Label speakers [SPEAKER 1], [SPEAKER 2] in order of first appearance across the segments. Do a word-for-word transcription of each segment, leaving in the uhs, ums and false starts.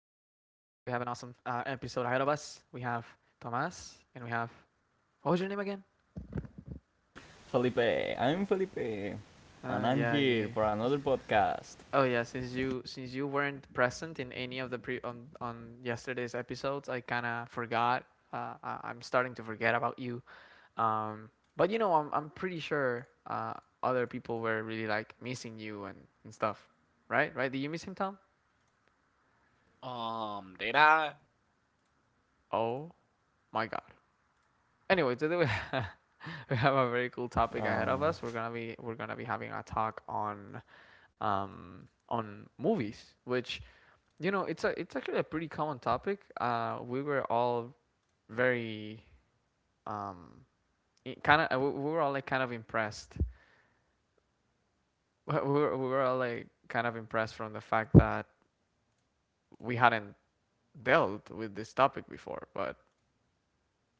[SPEAKER 1] uh, episode ahead of us. We have Tomas and we have, what was your name again?
[SPEAKER 2] Felipe, I'm Felipe,
[SPEAKER 1] Uh,
[SPEAKER 2] and I'm
[SPEAKER 1] yeah,
[SPEAKER 2] here
[SPEAKER 1] you.
[SPEAKER 2] for another podcast.
[SPEAKER 1] Oh yeah, since you since you weren't present in any of the pre on on yesterday's episodes, I kind of forgot. Uh, I, I'm starting to forget about you. Um, but you know, I'm I'm pretty sure uh, other people were really like missing you and and stuff, right? Right? Did you miss him, Tom?
[SPEAKER 3] Um, did I?
[SPEAKER 1] Oh my God. Anyway, today we we have a very cool topic
[SPEAKER 2] Oh
[SPEAKER 1] ahead of
[SPEAKER 2] no,
[SPEAKER 1] us. We're gonna be we're gonna be having a talk on um on movies, which, you know, it's a it's actually a pretty common topic. Uh, we were all very um kind of, we we were all like kind of impressed. We were we were all like kind of impressed from the fact that we hadn't dealt with this topic before, but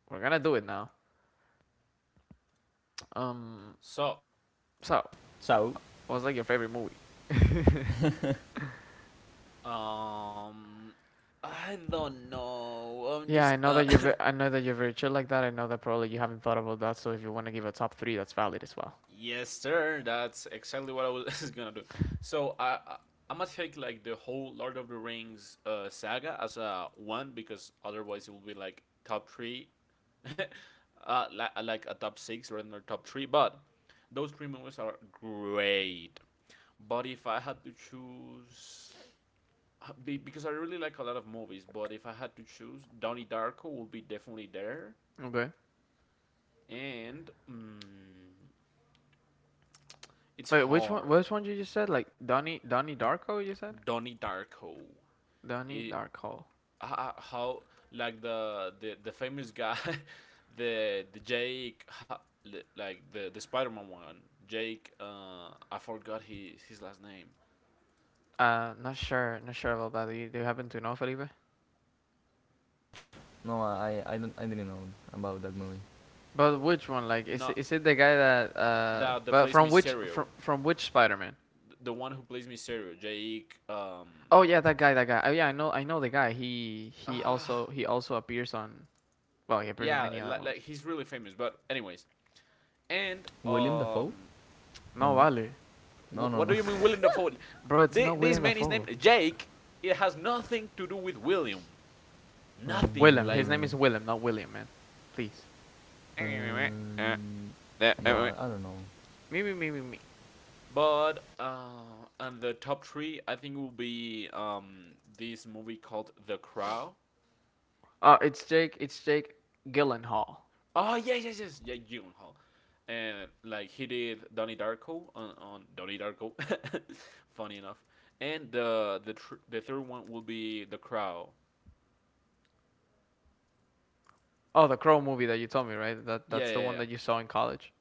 [SPEAKER 1] we're gonna do it now. Um,
[SPEAKER 3] So,
[SPEAKER 1] so
[SPEAKER 2] so
[SPEAKER 1] what's like your favorite movie?
[SPEAKER 3] um, I don't know. I'm
[SPEAKER 1] Yeah,
[SPEAKER 3] just
[SPEAKER 1] I know
[SPEAKER 3] uh,
[SPEAKER 1] that you've I know that you're very chill like that. I know that probably you haven't thought about that. So if you want to give a top three, that's valid as well.
[SPEAKER 3] Yes, sir. That's exactly what I was gonna do. So I, I I'm gonna take like the whole Lord of the Rings uh saga as a one because otherwise it will be like top three, uh, li- like a top six rather than a top three. But those three movies are great. But if I had to choose be, because I really like a lot of movies, but if I had to choose, Donnie Darko will be definitely there,
[SPEAKER 1] Okay.
[SPEAKER 3] and mm, it's
[SPEAKER 1] Wait, which one?
[SPEAKER 3] hard.
[SPEAKER 1] Which one you just said? Like Donnie, Donnie Darko? You said
[SPEAKER 3] Donnie Darko,
[SPEAKER 1] Donnie
[SPEAKER 3] it,
[SPEAKER 1] Darko.
[SPEAKER 3] how, how like the the, the famous guy, the the Jake, like the the Spider Man one, Jake. Uh, I forgot his his last name.
[SPEAKER 1] Uh, not sure, not sure about that. Do you, do you happen to know, Felipe?
[SPEAKER 2] no, I I don't I didn't know about that movie.
[SPEAKER 1] But which one? Like, is it-
[SPEAKER 3] Not
[SPEAKER 1] is it the guy that uh?
[SPEAKER 3] that the
[SPEAKER 1] But
[SPEAKER 3] Plays
[SPEAKER 1] from which
[SPEAKER 3] Mysterio,
[SPEAKER 1] from from which Spider-Man?
[SPEAKER 3] the one who plays Mysterio, Jake. Um,
[SPEAKER 1] Oh yeah, that guy, that guy. Oh yeah, I know, I know the guy. He he
[SPEAKER 3] ah,
[SPEAKER 1] also he also appears on. Well, he appears on
[SPEAKER 3] Yeah,
[SPEAKER 1] many other
[SPEAKER 3] like, like
[SPEAKER 1] movies.
[SPEAKER 3] he's really famous. But anyways, and
[SPEAKER 2] William Dafoe?
[SPEAKER 3] um,
[SPEAKER 2] No,
[SPEAKER 1] No,
[SPEAKER 2] no,
[SPEAKER 1] vale,
[SPEAKER 2] no,
[SPEAKER 3] wh-
[SPEAKER 2] no,
[SPEAKER 3] what do
[SPEAKER 2] no.
[SPEAKER 3] you mean William Dafoe?
[SPEAKER 1] bro. It's
[SPEAKER 3] This,
[SPEAKER 1] not William
[SPEAKER 3] this man is
[SPEAKER 1] Dafoe.
[SPEAKER 3] named Jake. It has nothing to do with William. Nothing.
[SPEAKER 1] Willem. His
[SPEAKER 3] Like,
[SPEAKER 1] name
[SPEAKER 2] Um,
[SPEAKER 1] is Willem, not William, man. Please.
[SPEAKER 2] um, no, I, I don't know.
[SPEAKER 1] Me, me, me, me, me.
[SPEAKER 3] but uh, and the top three, I think, will be um this movie called The Crow.
[SPEAKER 1] Uh, it's Jake. It's Jake Gyllenhaal.
[SPEAKER 3] Oh yes, yes, yes, Jake Gyllenhaal, and like he did Donnie Darko on, on Donnie Darko, funny enough, and the the tr- the third one will be The Crow.
[SPEAKER 1] Oh, the Crow movie that you told me, right? That
[SPEAKER 3] Yeah,
[SPEAKER 1] that's the
[SPEAKER 3] yeah,
[SPEAKER 1] one
[SPEAKER 3] yeah.
[SPEAKER 1] that you saw in college.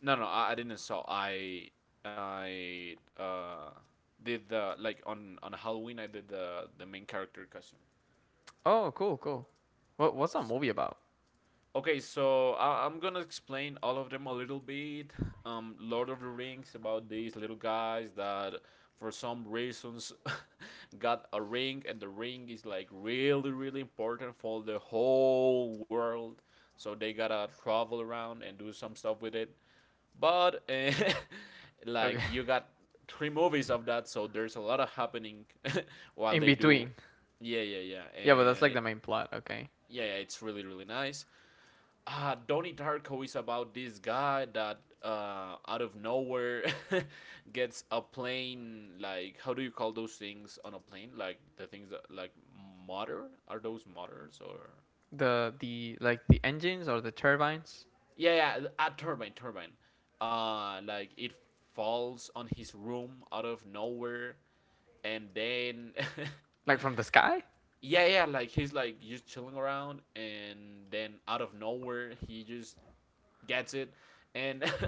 [SPEAKER 3] No, no, I, I didn't saw. I I uh did the like on on Halloween. I did the the main character costume.
[SPEAKER 1] Oh, cool, cool. What what's that movie about?
[SPEAKER 3] Okay, so I- I'm gonna explain all of them a little bit. Um, Lord of the Rings about these little guys that, for some reasons, got a ring, and the ring is like really, really important for the whole world. So they gotta travel around and do some stuff with it. But eh, like
[SPEAKER 1] Okay,
[SPEAKER 3] you got three movies of that, so there's a lot of happening while
[SPEAKER 1] in
[SPEAKER 3] they do.
[SPEAKER 1] between.
[SPEAKER 3] Yeah, yeah, yeah,
[SPEAKER 1] Yeah, but that's like
[SPEAKER 3] and
[SPEAKER 1] the main plot. Okay,
[SPEAKER 3] yeah, yeah, it's really, really nice. uh, Donnie Darko is about this guy that uh, out of nowhere gets a plane. Like, how do you call those things on a plane? Like the things that like motor, are those motors or
[SPEAKER 1] the the like the engines or the turbines,
[SPEAKER 3] yeah yeah a turbine turbine. Uh, like it falls on his room out of nowhere, and then
[SPEAKER 1] like from the sky.
[SPEAKER 3] yeah yeah like he's like just chilling around, and then out of nowhere he just gets it, and.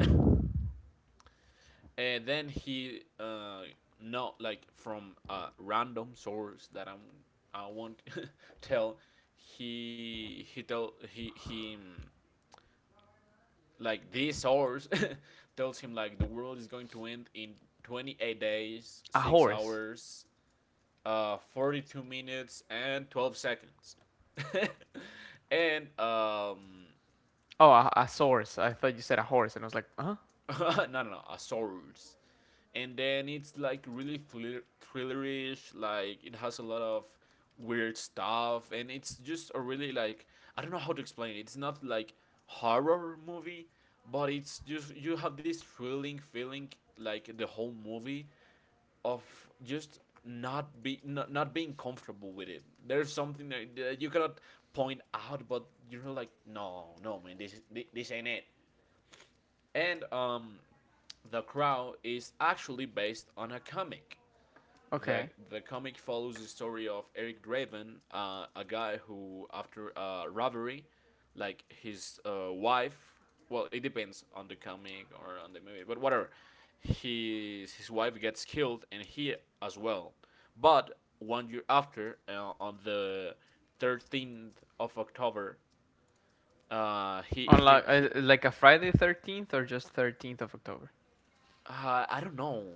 [SPEAKER 3] And then he uh not like from a random source that I'm I won't tell he he tell he he mm, Like this source tells him like the world is going to end in twenty-eight days,
[SPEAKER 1] A
[SPEAKER 3] six
[SPEAKER 1] horse.
[SPEAKER 3] hours, uh forty-two minutes and twelve seconds. and um
[SPEAKER 1] Oh, a, a source. I thought you said a horse, and I was like, huh?
[SPEAKER 3] No, no, no, a Source. And then it's like really thriller- thrillerish, like it has a lot of weird stuff, and it's just a really like I don't know how to explain it. It's not like horror movie, but it's just you have this thrilling feeling like the whole movie of just not be not, not being comfortable with it. There's something that that you cannot point out, but you're like, no, no, man, this is- thi- this ain't it. And um, The Crow is actually based on a comic. The,
[SPEAKER 1] Okay.
[SPEAKER 3] the comic follows the story of Eric Draven, uh, a guy who, after a robbery, like his uh, wife, well, it depends on the comic or on the movie, but whatever. His, his wife gets killed and he as well. But one year after, uh, on the thirteenth of October, uh, he,
[SPEAKER 1] On
[SPEAKER 3] he came.
[SPEAKER 1] like uh,
[SPEAKER 3] He,
[SPEAKER 1] like a Friday thirteenth or just thirteenth of October.
[SPEAKER 3] uh, I don't know.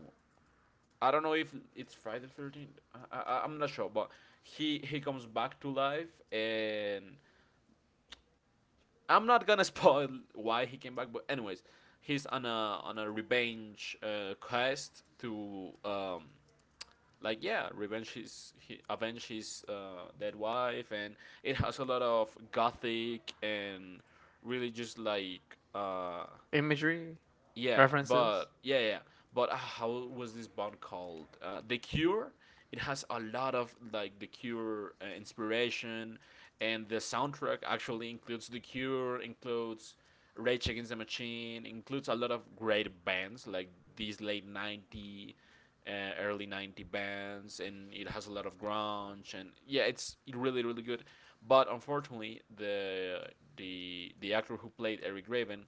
[SPEAKER 3] I don't know if it's Friday the thirteenth. I, I, I'm not sure, but he he comes back to life, and I'm not gonna spoil why he came back. But anyways, he's on a on a revenge uh, quest to um like yeah revenge his he, avenge his uh, dead wife, and it has a lot of gothic and really just like uh
[SPEAKER 1] Imagery?
[SPEAKER 3] yeah,
[SPEAKER 1] References?
[SPEAKER 3] but yeah, yeah. But uh, How was this band called? Uh, The Cure. It has a lot of like The Cure uh, inspiration, and the soundtrack actually includes The Cure, includes Rage Against the Machine, includes a lot of great bands like these late ninety, uh, early ninety bands, and it has a lot of grunge and yeah, it's really really good. But unfortunately, the the the actor who played Eric Raven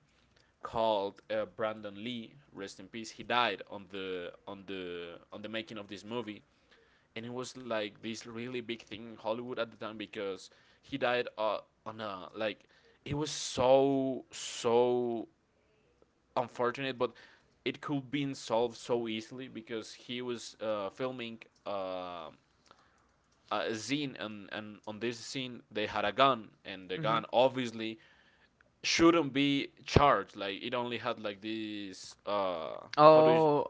[SPEAKER 3] called uh, Brandon Lee, rest in peace. He died on the on the on the making of this movie, and it was like this really big thing in Hollywood at the time because he died uh, on a like it was so so unfortunate, but it could be solved so easily because he was uh, filming. Uh, a scene, and, and on this scene they had a gun and the gun
[SPEAKER 1] Hmm.
[SPEAKER 3] obviously shouldn't be charged. Like it only had like this. Uh, how do you?
[SPEAKER 1] Oh,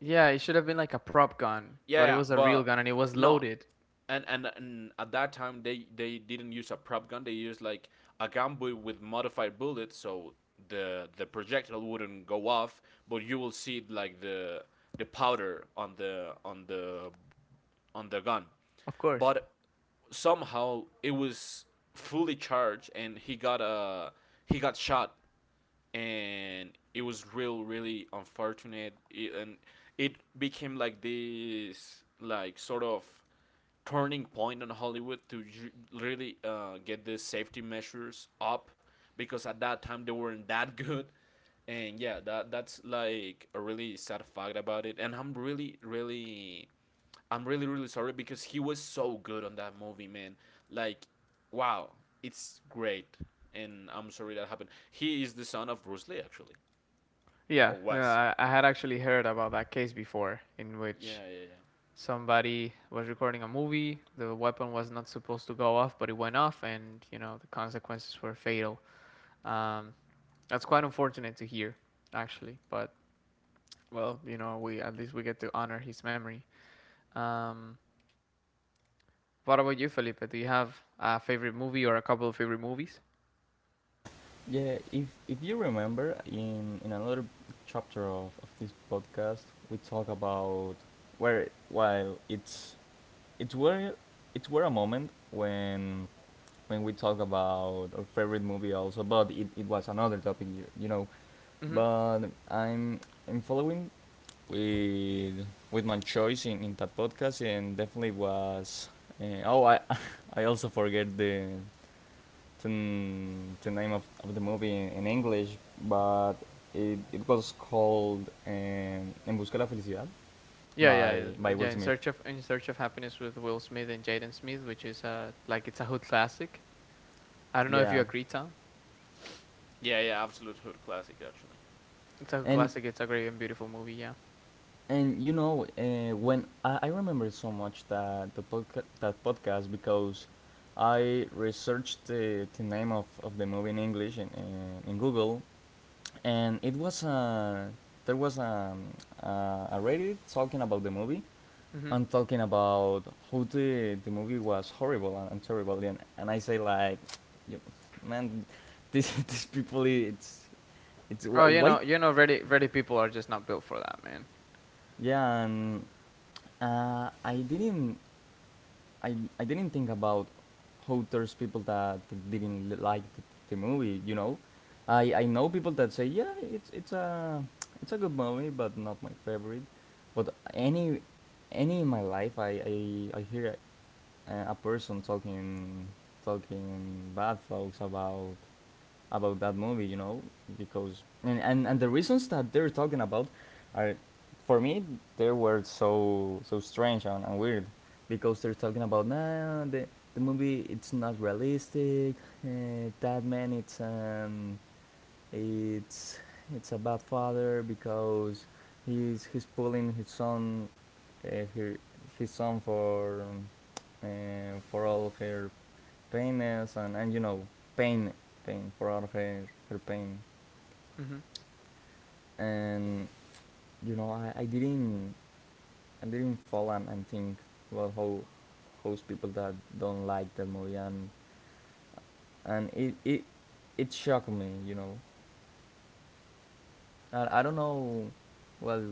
[SPEAKER 1] yeah, it should have been like a prop gun,
[SPEAKER 3] Yeah,
[SPEAKER 1] but it
[SPEAKER 3] yeah,
[SPEAKER 1] was a real
[SPEAKER 3] but
[SPEAKER 1] gun and it was
[SPEAKER 3] no,
[SPEAKER 1] loaded.
[SPEAKER 3] and and and at that time they they didn't use a prop gun. They used like a gun bu- with modified bullets, so the the projectile wouldn't go off, but you will see like the the powder on the on the on the gun.
[SPEAKER 1] Of course.
[SPEAKER 3] But somehow it was fully charged, and he got a uh, he got shot and it was real really unfortunate it, and it became like this like sort of turning point on Hollywood to ju- really uh, get the safety measures up because at that time they weren't that good. And yeah, that that's like a really sad fact about it, and i'm really really I'm really really sorry because he was so good on that movie, man. Like, wow, it's great, and I'm sorry that happened. He is the son of Bruce Lee, actually,
[SPEAKER 1] Yeah,
[SPEAKER 3] or was.
[SPEAKER 1] yeah, I, I had actually heard about that case before in which
[SPEAKER 3] Yeah, yeah, yeah.
[SPEAKER 1] somebody was recording a movie, the weapon was not supposed to go off, but it went off, and you know, the consequences were fatal. Um, that's quite unfortunate to hear, actually, but well, you know, we at least we get to honor his memory. Um, what about you, Felipe? Do you have a favorite movie or a couple of favorite movies?
[SPEAKER 2] Yeah, if if you remember, in in another chapter of, of this podcast, we talk about where while it's it's where it's where a moment when when we talk about our favorite movie also, but it, it was another topic, you, you know.
[SPEAKER 1] Hmm.
[SPEAKER 2] But I'm I'm following with with my choice in, in that podcast, and definitely was. Uh, oh, I I also forget the the, the name of, of the movie in, in English, but it, it was called um, En Busca de la Felicidad
[SPEAKER 1] Yeah,
[SPEAKER 2] by
[SPEAKER 1] yeah, uh,
[SPEAKER 2] by Will
[SPEAKER 1] yeah. In
[SPEAKER 2] Smith.
[SPEAKER 1] search of In Search of Happiness with Will Smith and Jaden Smith, which is uh like it's a hood classic. I don't know if you
[SPEAKER 2] Yeah,
[SPEAKER 1] agree, Tom.
[SPEAKER 3] Yeah, yeah, absolute hood classic, actually.
[SPEAKER 1] It's a hood
[SPEAKER 2] and
[SPEAKER 1] classic. It's a great and beautiful movie. Yeah.
[SPEAKER 2] And you know, uh, when I, I remember so much that the podca- that podcast because I researched the, the name of, of the movie in English in, in, in Google, and it was a there was a, a, a Reddit talking about the movie
[SPEAKER 1] Hmm.
[SPEAKER 2] and talking about how the the movie was horrible and, and terrible, and, and I say like, you, man, this these people it's it's
[SPEAKER 1] Oh,
[SPEAKER 2] wh-
[SPEAKER 1] you
[SPEAKER 2] white,
[SPEAKER 1] know, you know, ready, ready people are just not built for that, man.
[SPEAKER 2] yeah, and uh, I didn't I I didn't think about how there's people that didn't like the, the movie. You know, I I know people that say yeah, it's it's a it's a good movie, but not my favorite. But any any in my life, I I, I hear a, a person talking talking bad folks about about that movie, you know, because and, and and the reasons that they're talking about are, for me, they were so so strange and, and weird, because they're talking about nah the the movie it's not realistic, uh, that man it's um it's it's a bad father because he's he's pulling his son, uh, her, his son for um, uh, for all her penis and, and you know pain pain for out of her, her pain
[SPEAKER 1] Hmm.
[SPEAKER 2] and you know I, I didn't I didn't fall and, and think about how host people that don't like the movie and and it it, it shocked me. You know, I, I don't know. Well,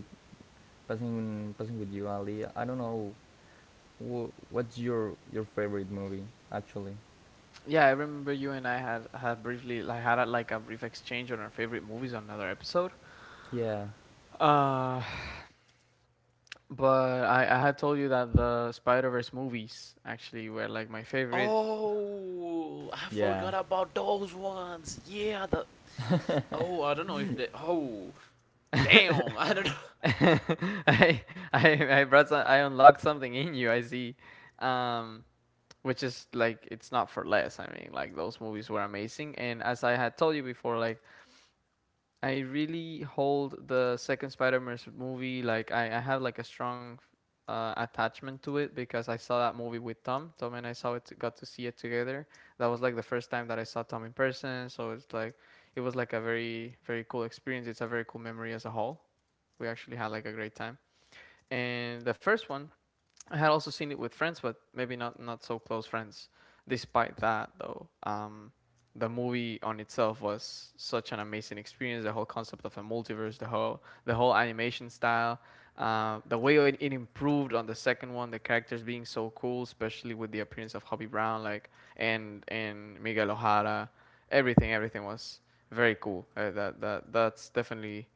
[SPEAKER 2] passing passing with you Ali, I don't know wh- what's your your favorite movie actually.
[SPEAKER 1] Yeah, I remember you and I had had briefly like had a, like a brief exchange on our favorite movies on another episode.
[SPEAKER 2] Yeah
[SPEAKER 1] Uh, but I, I had told you that the Spider Verse movies actually were like my favorite.
[SPEAKER 3] Oh, I
[SPEAKER 2] yeah,
[SPEAKER 3] forgot about those ones. Yeah, the. Oh, I don't know if they. Oh, damn, I don't know.
[SPEAKER 1] I I I brought some, I unlocked something in you. I see, um, which is like it's not for less. I mean, like those movies were amazing, and as I had told you before, like I really hold the second Spider Man movie. Like I I have like a strong uh, attachment to it because I saw that movie with Tom. Tom and I saw it got to see it together. That was like the first time that I saw Tom in person. So it's like it was like a very very cool experience. It's a very cool memory as a whole. We actually had like a great time. And the first one, I had also seen it with friends, but maybe not not so close friends. Despite that, though, um, the movie on itself was such an amazing experience. The whole concept of a multiverse, the whole the whole animation style, uh, the way it, it improved on the second one, the characters being so cool, especially with the appearance of Hobby Brown, like, and and Miguel O'Hara, everything everything was very cool. Uh, that that that's definitely,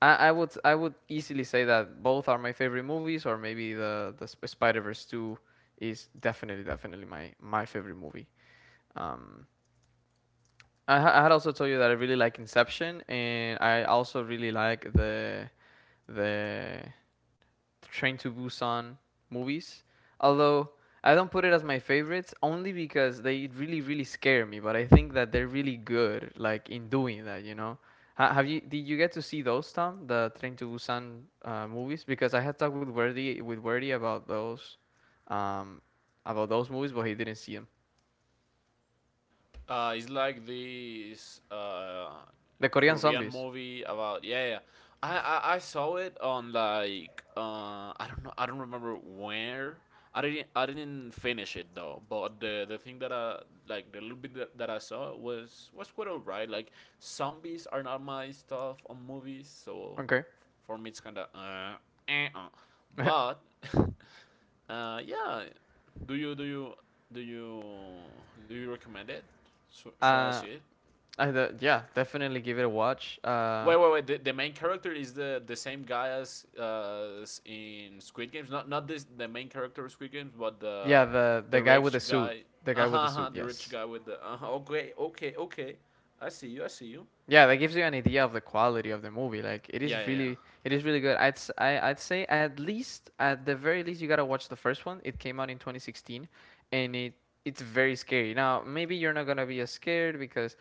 [SPEAKER 1] I, I would I would easily say that both are my favorite movies, or maybe the the Spider Verse two is definitely definitely my my favorite movie. Um, I, ha- I had also told you that I really like Inception, and I also really like the the Train to Busan movies. Although I don't put it as my favorites only because they really really scare me, but I think that they're really good like in doing that, you know. Ha- Have you did you get to see those, Tom, the Train to Busan uh, movies? Because I had talked with Wordy, with Wordy about those um about those movies, but he didn't see them.
[SPEAKER 3] Uh, it's like this uh,
[SPEAKER 1] The Korean
[SPEAKER 3] Korean
[SPEAKER 1] zombies.
[SPEAKER 3] movie about yeah, yeah. I, I I saw it on like uh I don't know, I don't remember where. I didn't I didn't finish it though. But the the thing that I like the little bit that, that I saw was was quite alright. Like zombies are not my stuff on movies, so
[SPEAKER 1] Okay.
[SPEAKER 3] for me it's kind of uh, eh, uh.
[SPEAKER 1] uh,
[SPEAKER 3] But Uh, yeah. Do you do you do you do you recommend it? So, should I see
[SPEAKER 1] I
[SPEAKER 3] it?
[SPEAKER 1] The, yeah, definitely give it a watch. Uh,
[SPEAKER 3] Wait, wait, wait. The, the main character is the the same guy as uh, as in Squid Games. Not not this the main character of Squid Games, but
[SPEAKER 1] yeah,
[SPEAKER 3] the
[SPEAKER 1] the
[SPEAKER 3] the
[SPEAKER 1] the guy with the
[SPEAKER 3] rich
[SPEAKER 1] suit,
[SPEAKER 3] guy.
[SPEAKER 1] the guy
[SPEAKER 3] Uh huh.
[SPEAKER 1] with the suit.
[SPEAKER 3] Uh-huh, the rich
[SPEAKER 1] Yes,
[SPEAKER 3] guy with the. Uh-huh, okay, okay, okay. I see you. I see you.
[SPEAKER 1] yeah, that gives you an idea of the quality of the movie. Like it
[SPEAKER 3] Yeah,
[SPEAKER 1] is
[SPEAKER 3] yeah, yeah.
[SPEAKER 1] really, it is really good. I'd s- I would say at least at the very least you gotta watch the first one. It came out in twenty sixteen, and it it's very scary. Now maybe you're not gonna be as scared because,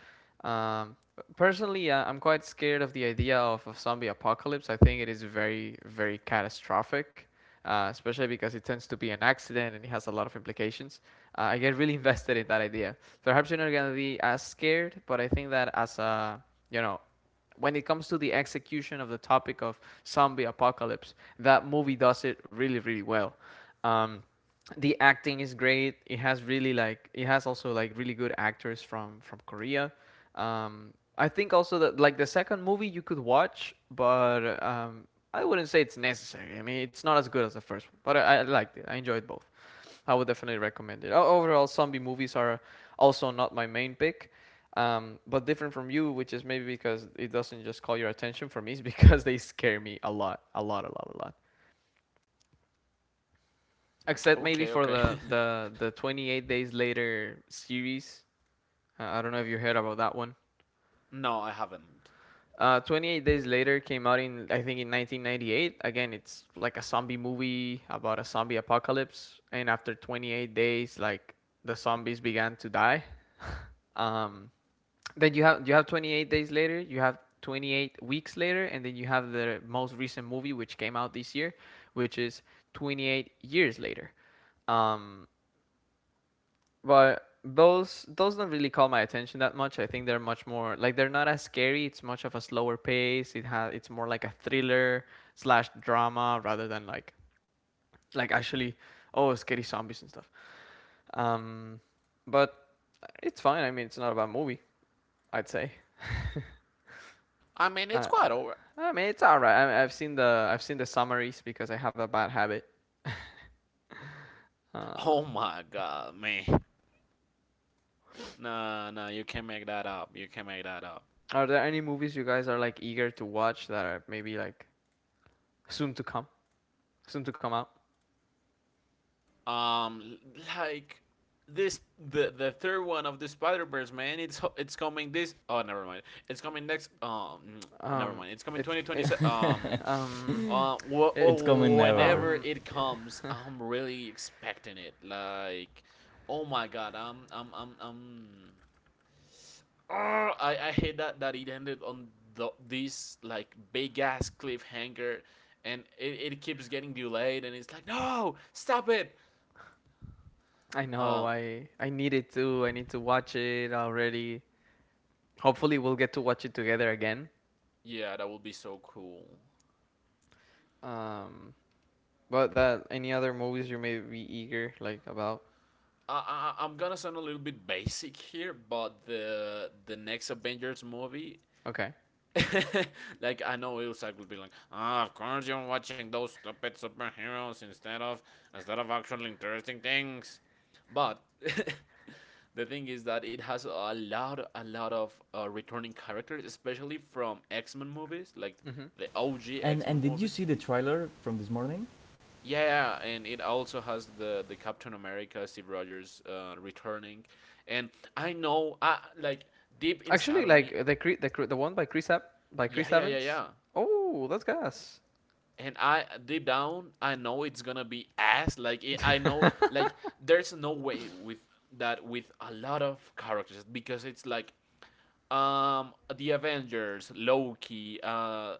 [SPEAKER 1] um, personally uh, I'm quite scared of the idea of a zombie apocalypse. I think it is very very catastrophic. Uh, especially because it tends to be an accident and it has a lot of implications. Uh, I get really invested in that idea. Perhaps you're not gonna be as scared, but I think that, as a, you know, when it comes to the execution of the topic of zombie apocalypse, that movie does it really really well. Um, the acting is great. It has really like it has also like really good actors from from Korea. Um, I think also that like the second movie you could watch, but um, I wouldn't say it's necessary. I mean, it's not as good as the first one, but i, I liked it. I enjoyed both. I would definitely recommend it. Overall, zombie movies are also not my main pick, um, but different from you, which is maybe because it doesn't just call your attention. For me, it's because they scare me a lot, a lot, a lot, a lot. Except maybe
[SPEAKER 3] Okay,
[SPEAKER 1] for
[SPEAKER 3] okay.
[SPEAKER 1] the the the twenty-eight Days Later series. Uh, I don't know if you heard about that one.
[SPEAKER 3] No, I haven't.
[SPEAKER 1] Uh, twenty-eight Days Later came out in, I think, in nineteen ninety-eight. Again, it's like a zombie movie about a zombie apocalypse, and after twenty-eight days, like, the zombies began to die. Um, Then you have you have twenty-eight days later, you have twenty-eight weeks later, and then you have the most recent movie which came out this year, which is twenty-eight years later. Um, but those those don't really call my attention that much. I think they're much more like they're not as scary. It's much of a slower pace. It has it's more like a thriller slash drama rather than like like actually oh scary zombies and stuff. Um, but it's fine. I mean, it's not a bad movie, I'd say.
[SPEAKER 3] I mean, it's
[SPEAKER 1] Uh,
[SPEAKER 3] quite over.
[SPEAKER 1] I mean, it's all right. I, I've seen the I've seen the summaries because I have a bad habit. Uh,
[SPEAKER 3] Oh my god, man. Nah, nah. You can't make that up. You can't make that up.
[SPEAKER 1] are there any movies you guys are like eager to watch that are maybe like soon to come, soon to come out?
[SPEAKER 3] Um, like this the the third one of the Spider Verse, man. It's it's coming this. Oh, never mind. It's coming next. Um, oh, never
[SPEAKER 1] Um,
[SPEAKER 3] mind. It's coming
[SPEAKER 1] it's
[SPEAKER 3] twenty twenty
[SPEAKER 1] it,
[SPEAKER 3] seven. Um,
[SPEAKER 1] um,
[SPEAKER 3] uh, wh-
[SPEAKER 1] it,
[SPEAKER 2] it's
[SPEAKER 1] uh,
[SPEAKER 2] coming
[SPEAKER 3] oh,
[SPEAKER 2] never.
[SPEAKER 3] whenever
[SPEAKER 1] um,
[SPEAKER 3] it comes, I'm really expecting it. Like, oh my god, I'm I'm I'm I'm. Oh, I I hate that that it ended on the this like big ass cliffhanger, and it, it keeps getting delayed, and it's like no, stop it.
[SPEAKER 1] I know.
[SPEAKER 3] Um,
[SPEAKER 1] I I need it too. I need to watch it already. Hopefully, we'll get to watch it together again.
[SPEAKER 3] Yeah, that would be so cool.
[SPEAKER 1] Um, but that, any other movies you may be eager like about?
[SPEAKER 3] I, I I'm gonna sound a little bit basic here, but the the next Avengers movie,
[SPEAKER 1] Okay.
[SPEAKER 3] like I know Ilsak will be like, ah, oh, of course you're watching those stupid superheroes instead of instead of actual interesting things, but. The thing is that it has a lot, a lot of uh, returning characters, especially from X Men movies, like
[SPEAKER 1] Hmm.
[SPEAKER 3] the O G
[SPEAKER 2] And
[SPEAKER 3] X Men
[SPEAKER 2] and did you
[SPEAKER 3] movies.
[SPEAKER 2] see the trailer from this morning?
[SPEAKER 3] Yeah, yeah, yeah, and it also has the the Captain America, Steve Rogers, uh, returning, and I know, I like deep inside
[SPEAKER 1] Actually,
[SPEAKER 3] of me,
[SPEAKER 1] like uh, the Cre- the Cre- the one by Chris Ev- by
[SPEAKER 3] yeah,
[SPEAKER 1] Chris
[SPEAKER 3] yeah, yeah,
[SPEAKER 1] Evans.
[SPEAKER 3] yeah,
[SPEAKER 1] Oh, that's gas.
[SPEAKER 3] and I deep down, I know it's gonna be ass. Like it, I know, like there's no way with that with a lot of characters because it's like um the Avengers, Loki, uh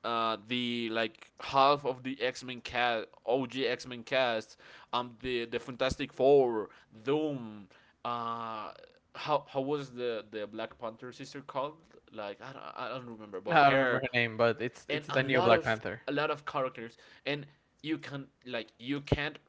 [SPEAKER 3] uh, the like half of the X Men cast, O G X Men cast, um, the the Fantastic Four, Doom, uh, how how was the the Black Panther sister called? Like I don't, I don't remember,
[SPEAKER 1] I
[SPEAKER 3] but
[SPEAKER 1] don't remember
[SPEAKER 3] her
[SPEAKER 1] her name, but it's
[SPEAKER 3] and
[SPEAKER 1] it's
[SPEAKER 3] a
[SPEAKER 1] the new
[SPEAKER 3] lot
[SPEAKER 1] Black
[SPEAKER 3] of
[SPEAKER 1] Panther
[SPEAKER 3] a lot of characters and you can like you can't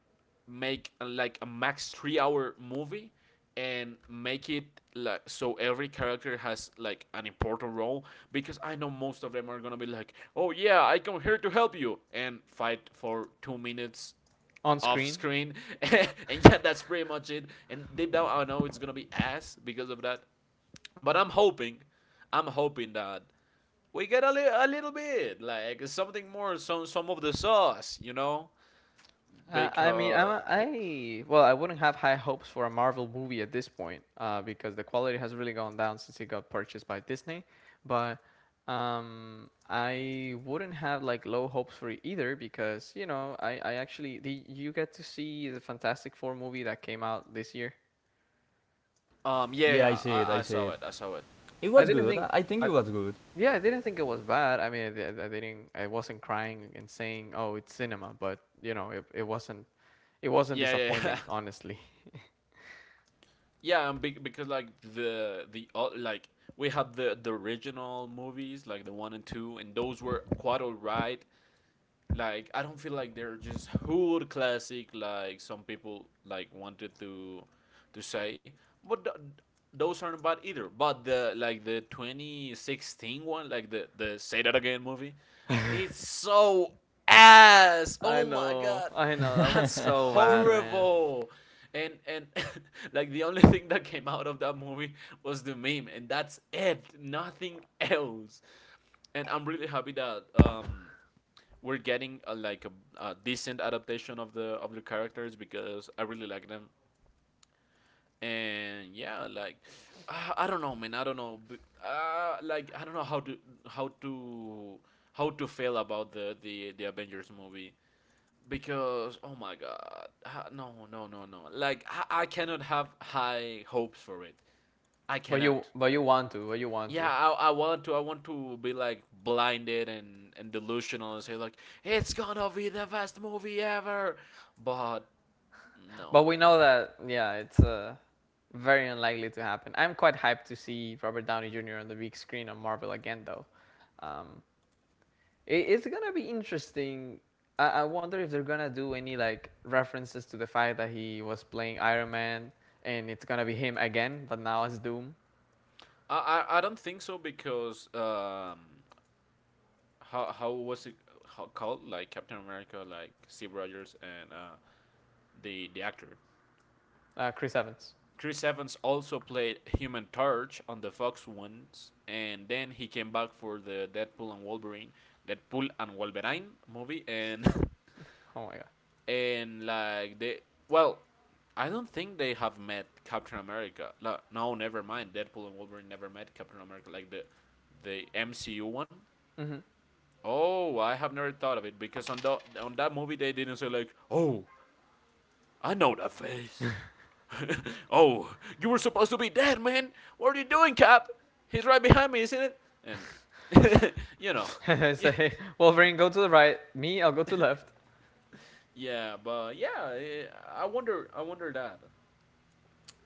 [SPEAKER 3] make uh, like a max three hour movie and make it like so every character has like an important role because I know most of them are gonna be like, oh yeah, I come here to help you and fight for two minutes
[SPEAKER 1] on
[SPEAKER 3] off
[SPEAKER 1] screen.
[SPEAKER 3] screen, and yeah, that's pretty much it. And deep down, I know it's gonna be ass because of that, but I'm hoping, I'm hoping that we get a, li- a little bit like something more, some some of the sauce you know
[SPEAKER 1] Uh, I mean, I'm
[SPEAKER 3] because
[SPEAKER 1] a, I well, I wouldn't have high hopes for a Marvel movie at this point, uh, because the quality has really gone down since it got purchased by Disney. But um, I wouldn't have like low hopes for it either, because you know, I I actually the you get to see the Fantastic Four movie that came out this year.
[SPEAKER 3] um yeah
[SPEAKER 2] Yeah, I
[SPEAKER 3] yeah
[SPEAKER 2] see it,
[SPEAKER 3] I,
[SPEAKER 2] I
[SPEAKER 3] I
[SPEAKER 2] see
[SPEAKER 3] saw
[SPEAKER 2] it.
[SPEAKER 3] it, i saw it
[SPEAKER 2] It
[SPEAKER 1] I
[SPEAKER 2] was
[SPEAKER 1] didn't
[SPEAKER 2] good.
[SPEAKER 1] think.
[SPEAKER 2] I think it
[SPEAKER 1] I,
[SPEAKER 2] was good.
[SPEAKER 1] Yeah, I didn't think it was bad. I mean, I, I didn't. I wasn't crying and saying, "Oh, it's cinema," but you know, it, it wasn't. It wasn't
[SPEAKER 3] yeah yeah yeah
[SPEAKER 1] disappointing, honestly.
[SPEAKER 3] yeah and be- because like the the o- like we had the the original movies like the one and two, and those were quite alright. Like I don't feel like they're just hood classic like some people like wanted to to say. But th- those aren't bad either. But the, like the twenty sixteen one, like the, the Say That Again movie, it's so ass.
[SPEAKER 1] I
[SPEAKER 3] Oh my
[SPEAKER 1] know,
[SPEAKER 3] god,
[SPEAKER 1] I know. That was
[SPEAKER 3] that's
[SPEAKER 1] so bad, man.
[SPEAKER 3] horrible. And and like the only thing that came out of that movie was the meme, and that's it. Nothing else. And I'm really happy that um we're getting a, like a, a decent adaptation of the, of the characters, because I really like them. And yeah, like uh, I don't know, man. I don't know. B- Uh, like I don't know how to, how to how to feel about the, the the Avengers movie because, oh my god. Ha- no, no, no, no. Like I, I cannot have high hopes for it. I
[SPEAKER 1] But you,
[SPEAKER 3] cannot.
[SPEAKER 1] but you want to, but you want
[SPEAKER 3] Yeah,
[SPEAKER 1] to.
[SPEAKER 3] I, I want to I want to be like blinded and and delusional and say like it's gonna be the best movie ever, but
[SPEAKER 1] But
[SPEAKER 3] no,
[SPEAKER 1] we
[SPEAKER 3] man.
[SPEAKER 1] know that, yeah, it's uh, very unlikely to happen. I'm quite hyped to see Robert Downey Junior on the big screen on Marvel again, though. Um, It, it's gonna be interesting. I, I wonder if they're gonna do any like references to the fact that he was playing Iron Man and it's gonna be him again, but now as Doom.
[SPEAKER 3] i i, I don't think so, because um how, how was it? How, called like Captain America, like Steve Rogers and uh the the actor
[SPEAKER 1] Uh, Chris Evans.
[SPEAKER 3] Chris Evans also played Human Torch on the Fox ones, and then he came back for the Deadpool and Wolverine, deadpool and wolverine movie. And
[SPEAKER 1] Oh my
[SPEAKER 3] and like they, well, I don't think they have met Captain America. No, no, never mind. Deadpool and Wolverine never met Captain America, like the the MCU one.
[SPEAKER 1] god.
[SPEAKER 3] Oh, I have never thought of it, because on the, on that movie they didn't say like, "Oh, I know that face." Oh, you were supposed to be dead, man. What are you doing, Cap? He's right behind me, isn't it? And you know,
[SPEAKER 1] Mm-hmm. Say Wolverine, go to the right. Me, I'll go to the left.
[SPEAKER 3] yeah, but yeah, eh, I wonder, I wonder that.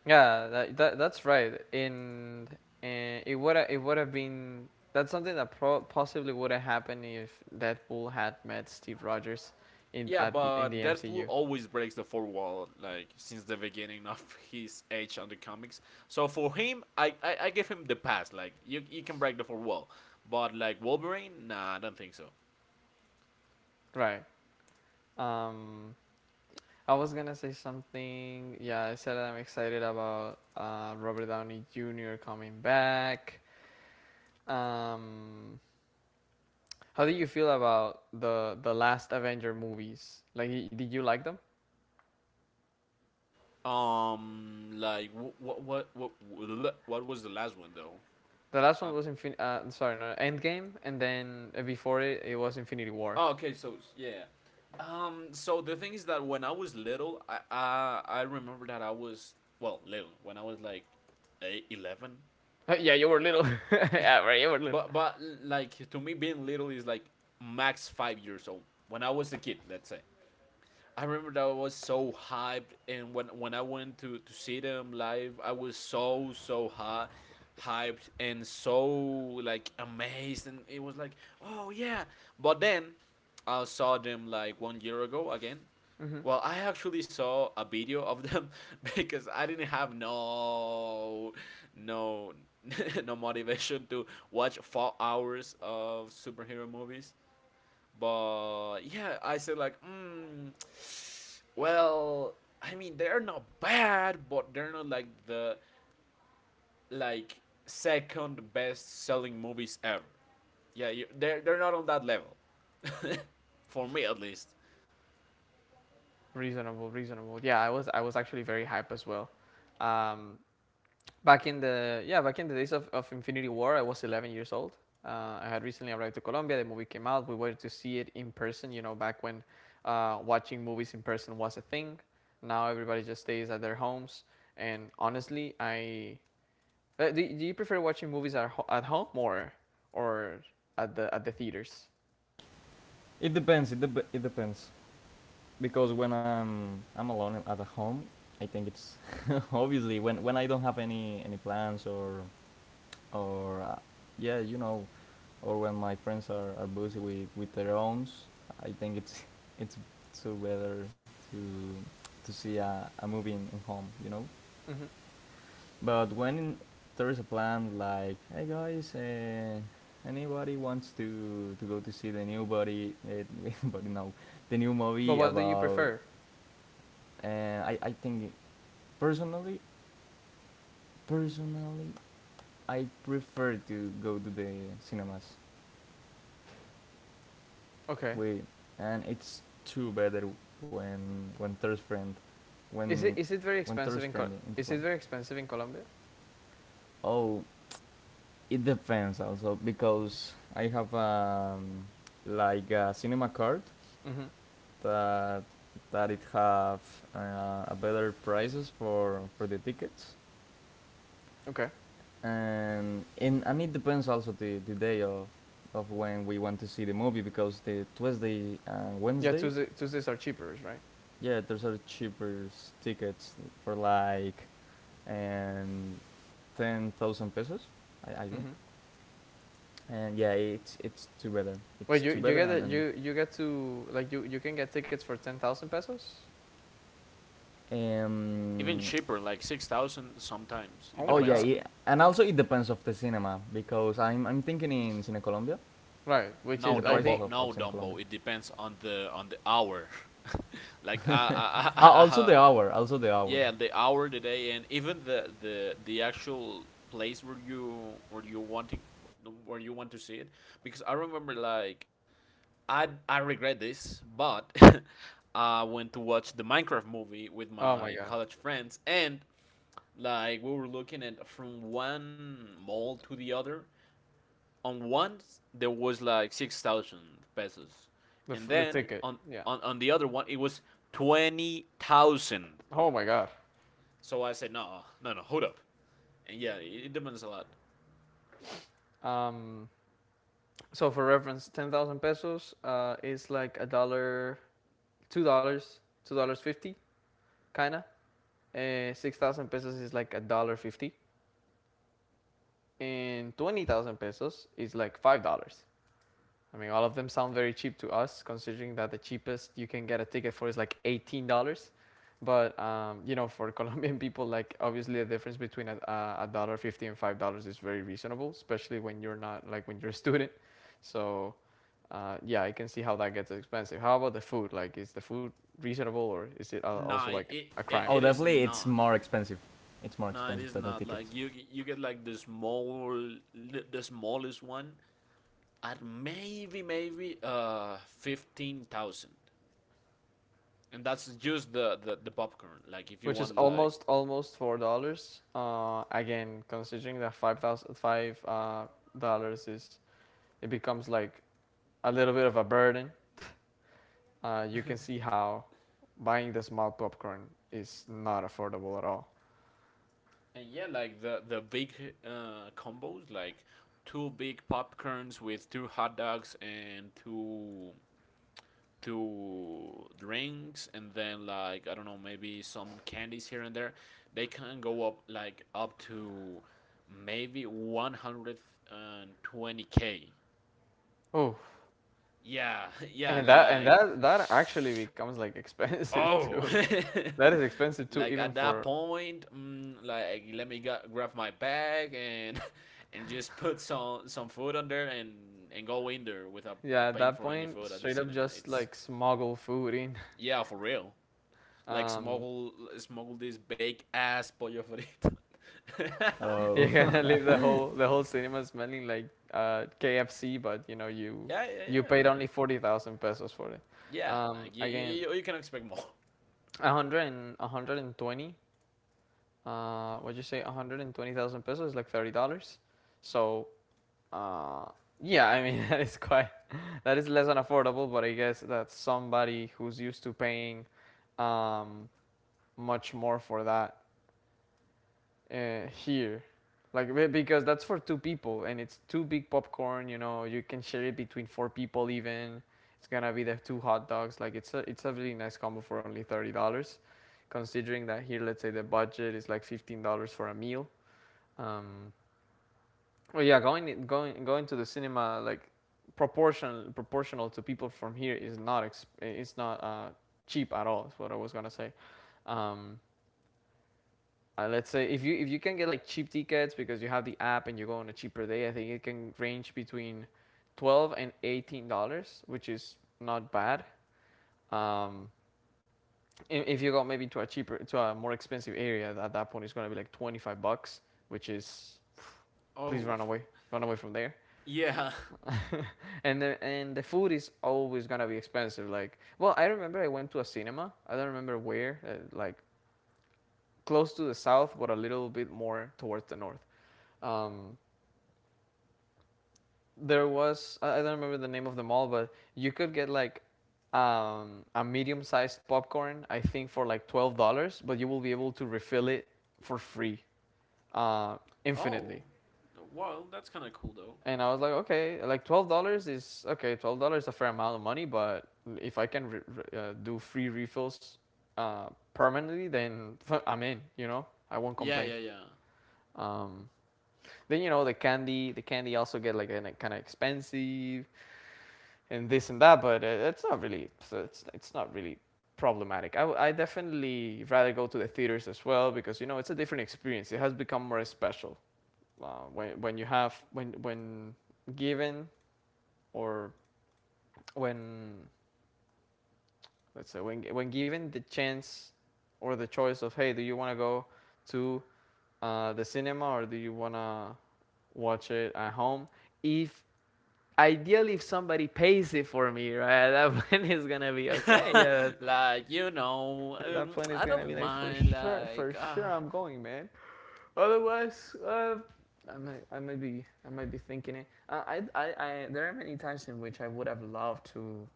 [SPEAKER 1] Yeah, that, that that's right. And and it would it would have been that's something that pro- possibly would have happened if Deadpool had met Steve Rogers in
[SPEAKER 3] Yeah,
[SPEAKER 1] at the, in the
[SPEAKER 3] but Deadpool
[SPEAKER 1] M C U.
[SPEAKER 3] always breaks the fourth wall, like since the beginning of his age on the comics. So for him, I, I, I give him the pass. Like you, you can break the fourth wall, but like Wolverine, nah, I don't think so.
[SPEAKER 1] Right. Um. I was gonna say something. Yeah, I said I'm excited about uh, Robert Downey Junior coming back. Um, how did you feel about the the last Avenger movies? Like, did you like them?
[SPEAKER 3] Um, like what what what what, what was the last one though?
[SPEAKER 1] The last one
[SPEAKER 3] Um,
[SPEAKER 1] was Infin- uh Sorry, no, Endgame, and then uh, before it, it was Infinity War.
[SPEAKER 3] oh, okay, so yeah. Um, so the thing is that when I was little, I I, I remember that I was, well, little when I was like eight, eleven.
[SPEAKER 1] Yeah, you were little. Yeah, right, you were little.
[SPEAKER 3] But but like to me, being little is like max five years old. When I was a kid, let's say. I remember that I was so hyped, and when when I went to to see them live, I was so, so hot hyped and so like amazed, and it was like, oh yeah. But then i saw them like one year ago again.
[SPEAKER 1] Hmm.
[SPEAKER 3] Well, I actually saw a video of them because I didn't have no no no motivation to watch four hours of superhero movies. But yeah, I said like, mm, well, I mean they're not bad, but they're not like the, like second best selling movies ever. Yeah, you, they're they're not on that level, for me at least.
[SPEAKER 1] Reasonable, reasonable. Yeah, I was I was actually very hype as well. Um, Back in the yeah, back in the days of, of Infinity War, I was eleven years old. Uh, I had recently arrived to Colombia. The movie came out. We wanted to see it in person. You know, back when uh, watching movies in person was a thing. Now everybody just stays at their homes. And honestly, I uh, do, do you prefer watching movies at, ho- at home or or at the at the theaters?
[SPEAKER 2] It depends. It, dep it depends because when I'm I'm alone at home, I think it's obviously when when I don't have any any plans or or uh, yeah, you know, or when my friends are, are busy with with their own, I think it's it's so better to to see a, a movie in, in home. You know.
[SPEAKER 1] Hmm.
[SPEAKER 2] But when there is a plan like, hey guys, uh, anybody wants to, to go to see the new body, uh, but no, the new
[SPEAKER 1] But
[SPEAKER 2] movie
[SPEAKER 1] what do you
[SPEAKER 2] about,
[SPEAKER 1] prefer?
[SPEAKER 2] uh, I, I think personally, personally, I prefer to go to the cinemas
[SPEAKER 1] Okay.
[SPEAKER 2] with, and it's too better when when there's friend,
[SPEAKER 1] Is
[SPEAKER 2] when
[SPEAKER 1] it is it very
[SPEAKER 2] when there's
[SPEAKER 1] expensive in
[SPEAKER 2] friend
[SPEAKER 1] Col-
[SPEAKER 2] in the
[SPEAKER 1] is
[SPEAKER 2] plan.
[SPEAKER 1] it very expensive in Colombia?
[SPEAKER 2] Oh, it depends also because I have um, like a cinema card
[SPEAKER 1] Hmm.
[SPEAKER 2] that that it have uh, a better prices for for the tickets
[SPEAKER 1] Okay.
[SPEAKER 2] and in and it depends also the the day of of when we want to see the movie because the Tuesday and
[SPEAKER 1] Yeah,
[SPEAKER 2] Wednesday
[SPEAKER 1] Tuesday, Tuesdays are cheaper, right?
[SPEAKER 2] yeah those are cheaper tickets for like um ten thousand pesos, I, I think.
[SPEAKER 1] Hmm.
[SPEAKER 2] And yeah, it's it's too better,
[SPEAKER 1] Wait,
[SPEAKER 2] it's
[SPEAKER 1] you
[SPEAKER 2] too
[SPEAKER 1] you
[SPEAKER 2] better,
[SPEAKER 1] get
[SPEAKER 2] and,
[SPEAKER 1] a,
[SPEAKER 2] and
[SPEAKER 1] you you get to like you you can get tickets for ten thousand pesos.
[SPEAKER 3] Even
[SPEAKER 2] um,
[SPEAKER 3] cheaper, like six thousand sometimes.
[SPEAKER 1] Oh
[SPEAKER 3] It
[SPEAKER 2] oh
[SPEAKER 1] my
[SPEAKER 2] yeah,
[SPEAKER 3] depends.
[SPEAKER 1] god.
[SPEAKER 2] it, and also it depends of the cinema because I'm I'm thinking in Cine Colombia,
[SPEAKER 1] Right? Which
[SPEAKER 2] in
[SPEAKER 3] No
[SPEAKER 2] the
[SPEAKER 1] is I
[SPEAKER 2] prices
[SPEAKER 1] think,
[SPEAKER 3] Dumbo,
[SPEAKER 2] of, of
[SPEAKER 3] no
[SPEAKER 2] Cine Colombia.
[SPEAKER 3] Dumbo. It depends on the, on the hour. like I I I,
[SPEAKER 2] Ah,
[SPEAKER 3] I,
[SPEAKER 2] also
[SPEAKER 3] I
[SPEAKER 2] the hour, also the hour.
[SPEAKER 3] yeah, the hour, the day, and even the, the the actual place where you where you wanting where you want to see it, because I remember like, I I regret this but I went to watch the Minecraft movie with
[SPEAKER 1] oh my
[SPEAKER 3] my
[SPEAKER 1] god,
[SPEAKER 3] college friends, and like we were looking at from one mall to the other. On one there was like six thousand pesos,
[SPEAKER 1] the f-
[SPEAKER 3] and
[SPEAKER 1] the
[SPEAKER 3] then
[SPEAKER 1] ticket,
[SPEAKER 3] on,
[SPEAKER 1] yeah.
[SPEAKER 3] on, on the other one it was twenty thousand.
[SPEAKER 1] Oh my god.
[SPEAKER 3] So I said, no, no, no, hold up. And yeah, it, it demands a lot.
[SPEAKER 1] Um, so for reference, ten thousand pesos uh is like a dollar, two dollars, two dollars fifty, kinda. Uh, six thousand pesos is like a dollar fifty, and twenty thousand pesos is like five dollars. I mean, all of them sound very cheap to us, considering that the cheapest you can get a ticket for is like eighteen dollars. But um, you know, for Colombian people, like obviously the difference between a, a a dollar fifty and five dollars is very reasonable, especially when you're not like when you're a student. So uh, yeah, I can see how that gets expensive. How about the food? Like, is the food reasonable or is it uh, also
[SPEAKER 3] Nah,
[SPEAKER 1] like
[SPEAKER 3] it,
[SPEAKER 1] a
[SPEAKER 3] it
[SPEAKER 1] crime?
[SPEAKER 2] Oh,
[SPEAKER 3] it is
[SPEAKER 2] definitely it's
[SPEAKER 3] not.
[SPEAKER 2] more expensive. It's more
[SPEAKER 3] Nah, it
[SPEAKER 2] expensive
[SPEAKER 3] is
[SPEAKER 2] than the
[SPEAKER 3] not.
[SPEAKER 2] tickets.
[SPEAKER 3] Like you you get like the small, the smallest one at, maybe, maybe uh fifteen thousand, and that's just the, the the popcorn. Like if you
[SPEAKER 1] Which is
[SPEAKER 3] want like,
[SPEAKER 1] almost almost four dollars. Uh, again, considering that five thousand five uh, dollars is it becomes like a little bit of a burden, uh, you can see how buying the small popcorn is not affordable at all.
[SPEAKER 3] and yeah, like the the big uh combos like two big popcorns with two hot dogs and two to drinks, and then like I don't know, maybe some candies here and there, they can go up like up to maybe one twenty k.
[SPEAKER 1] Oh,
[SPEAKER 3] Yeah, yeah,
[SPEAKER 1] and that and
[SPEAKER 3] like
[SPEAKER 1] that that actually becomes like expensive
[SPEAKER 3] oh.
[SPEAKER 1] too. That is expensive too,
[SPEAKER 3] Like
[SPEAKER 1] even
[SPEAKER 3] at that
[SPEAKER 1] for
[SPEAKER 3] point, mm, like let me gu- grab my bag and and just put some some food on there and and go in there without
[SPEAKER 1] yeah. At
[SPEAKER 3] paying
[SPEAKER 1] that
[SPEAKER 3] for any
[SPEAKER 1] point,
[SPEAKER 3] food at the
[SPEAKER 1] straight up
[SPEAKER 3] cinema.
[SPEAKER 1] just
[SPEAKER 3] It's,
[SPEAKER 1] like smuggle food in.
[SPEAKER 3] yeah, for real. Like
[SPEAKER 1] Um,
[SPEAKER 3] smuggle, smuggle this big ass pollo frito. Yeah,
[SPEAKER 2] Oh,
[SPEAKER 1] you're gonna leave the whole the whole cinema smelling like uh, K F C, but you know you
[SPEAKER 3] yeah,
[SPEAKER 1] you
[SPEAKER 3] yeah.
[SPEAKER 1] paid
[SPEAKER 3] Like
[SPEAKER 1] only forty thousand pesos for it.
[SPEAKER 3] yeah,
[SPEAKER 1] Um,
[SPEAKER 3] like you,
[SPEAKER 1] again,
[SPEAKER 3] you, you can expect more.
[SPEAKER 1] a hundred and a hundred and twenty uh, what'd you say, one hundred twenty thousand pesos, like thirty dollars. So, uh, yeah, I mean, that is quite, that is less than affordable, but I guess that somebody who's used to paying um, much more for that uh, here. Like, because that's for two people and it's two big popcorn, you know, you can share it between four people even. It's gonna be the two hot dogs. Like, it's a, it's a really nice combo for only thirty dollars. Considering that here, let's say the budget is like fifteen dollars for a meal. Um, Well, yeah, going going going to the cinema like proportional proportional to people from here is not exp- it's not uh, cheap at all. Is what I was gonna say. Um, uh, let's say if you if you can get like cheap tickets because you have the app and you go on a cheaper day, I think it can range between twelve and eighteen dollars, which is not bad. Um, if you go maybe to a cheaper to a more expensive area, at that point it's gonna be like twenty five bucks, which is please
[SPEAKER 3] Oh,
[SPEAKER 1] run away, run away from there.
[SPEAKER 3] yeah.
[SPEAKER 1] And the and the food is always gonna be expensive. Like, well, I remember I went to a cinema. I don't remember where, uh, like close to the south, but a little bit more towards the north. Um, there was I I don't remember the name of the mall, but you could get like um, a medium-sized popcorn, I think for like twelve dollars, but you will be able to refill it for free, uh,
[SPEAKER 3] Oh,
[SPEAKER 1] infinitely.
[SPEAKER 3] well, that's kind of cool though.
[SPEAKER 1] And I was like, okay, like twelve dollars is okay. Twelve dollars is a fair amount of money, but if I can re- re- uh, do free refills uh, permanently, then I'm in. You know, I won't
[SPEAKER 3] Yeah,
[SPEAKER 1] complain.
[SPEAKER 3] yeah,
[SPEAKER 1] Um, then you know the candy, the candy also get like an, kind of expensive and this and that, but uh, it's not really, it's it's not really problematic. I I definitely rather go to the theaters as well because you know it's a different experience. It has become more special uh, when when you have when when given or when let's say when when given the chance or the choice of hey, do you want to go to uh, the cinema or do you want to watch it at home? If ideally if somebody pays it for me, right, at that point it's gonna be okay.
[SPEAKER 3] yeah.
[SPEAKER 1] Yeah,
[SPEAKER 3] Like you know,
[SPEAKER 1] at that
[SPEAKER 3] um,
[SPEAKER 1] point it's
[SPEAKER 3] I
[SPEAKER 1] gonna
[SPEAKER 3] don't
[SPEAKER 1] be like for
[SPEAKER 3] mind.
[SPEAKER 1] sure,
[SPEAKER 3] Like
[SPEAKER 1] for sure
[SPEAKER 3] ah,
[SPEAKER 1] I'm going, man. Otherwise, uh, I might, I might be, I might be thinking it. Uh, I, I, I, there are many times in which I would have loved to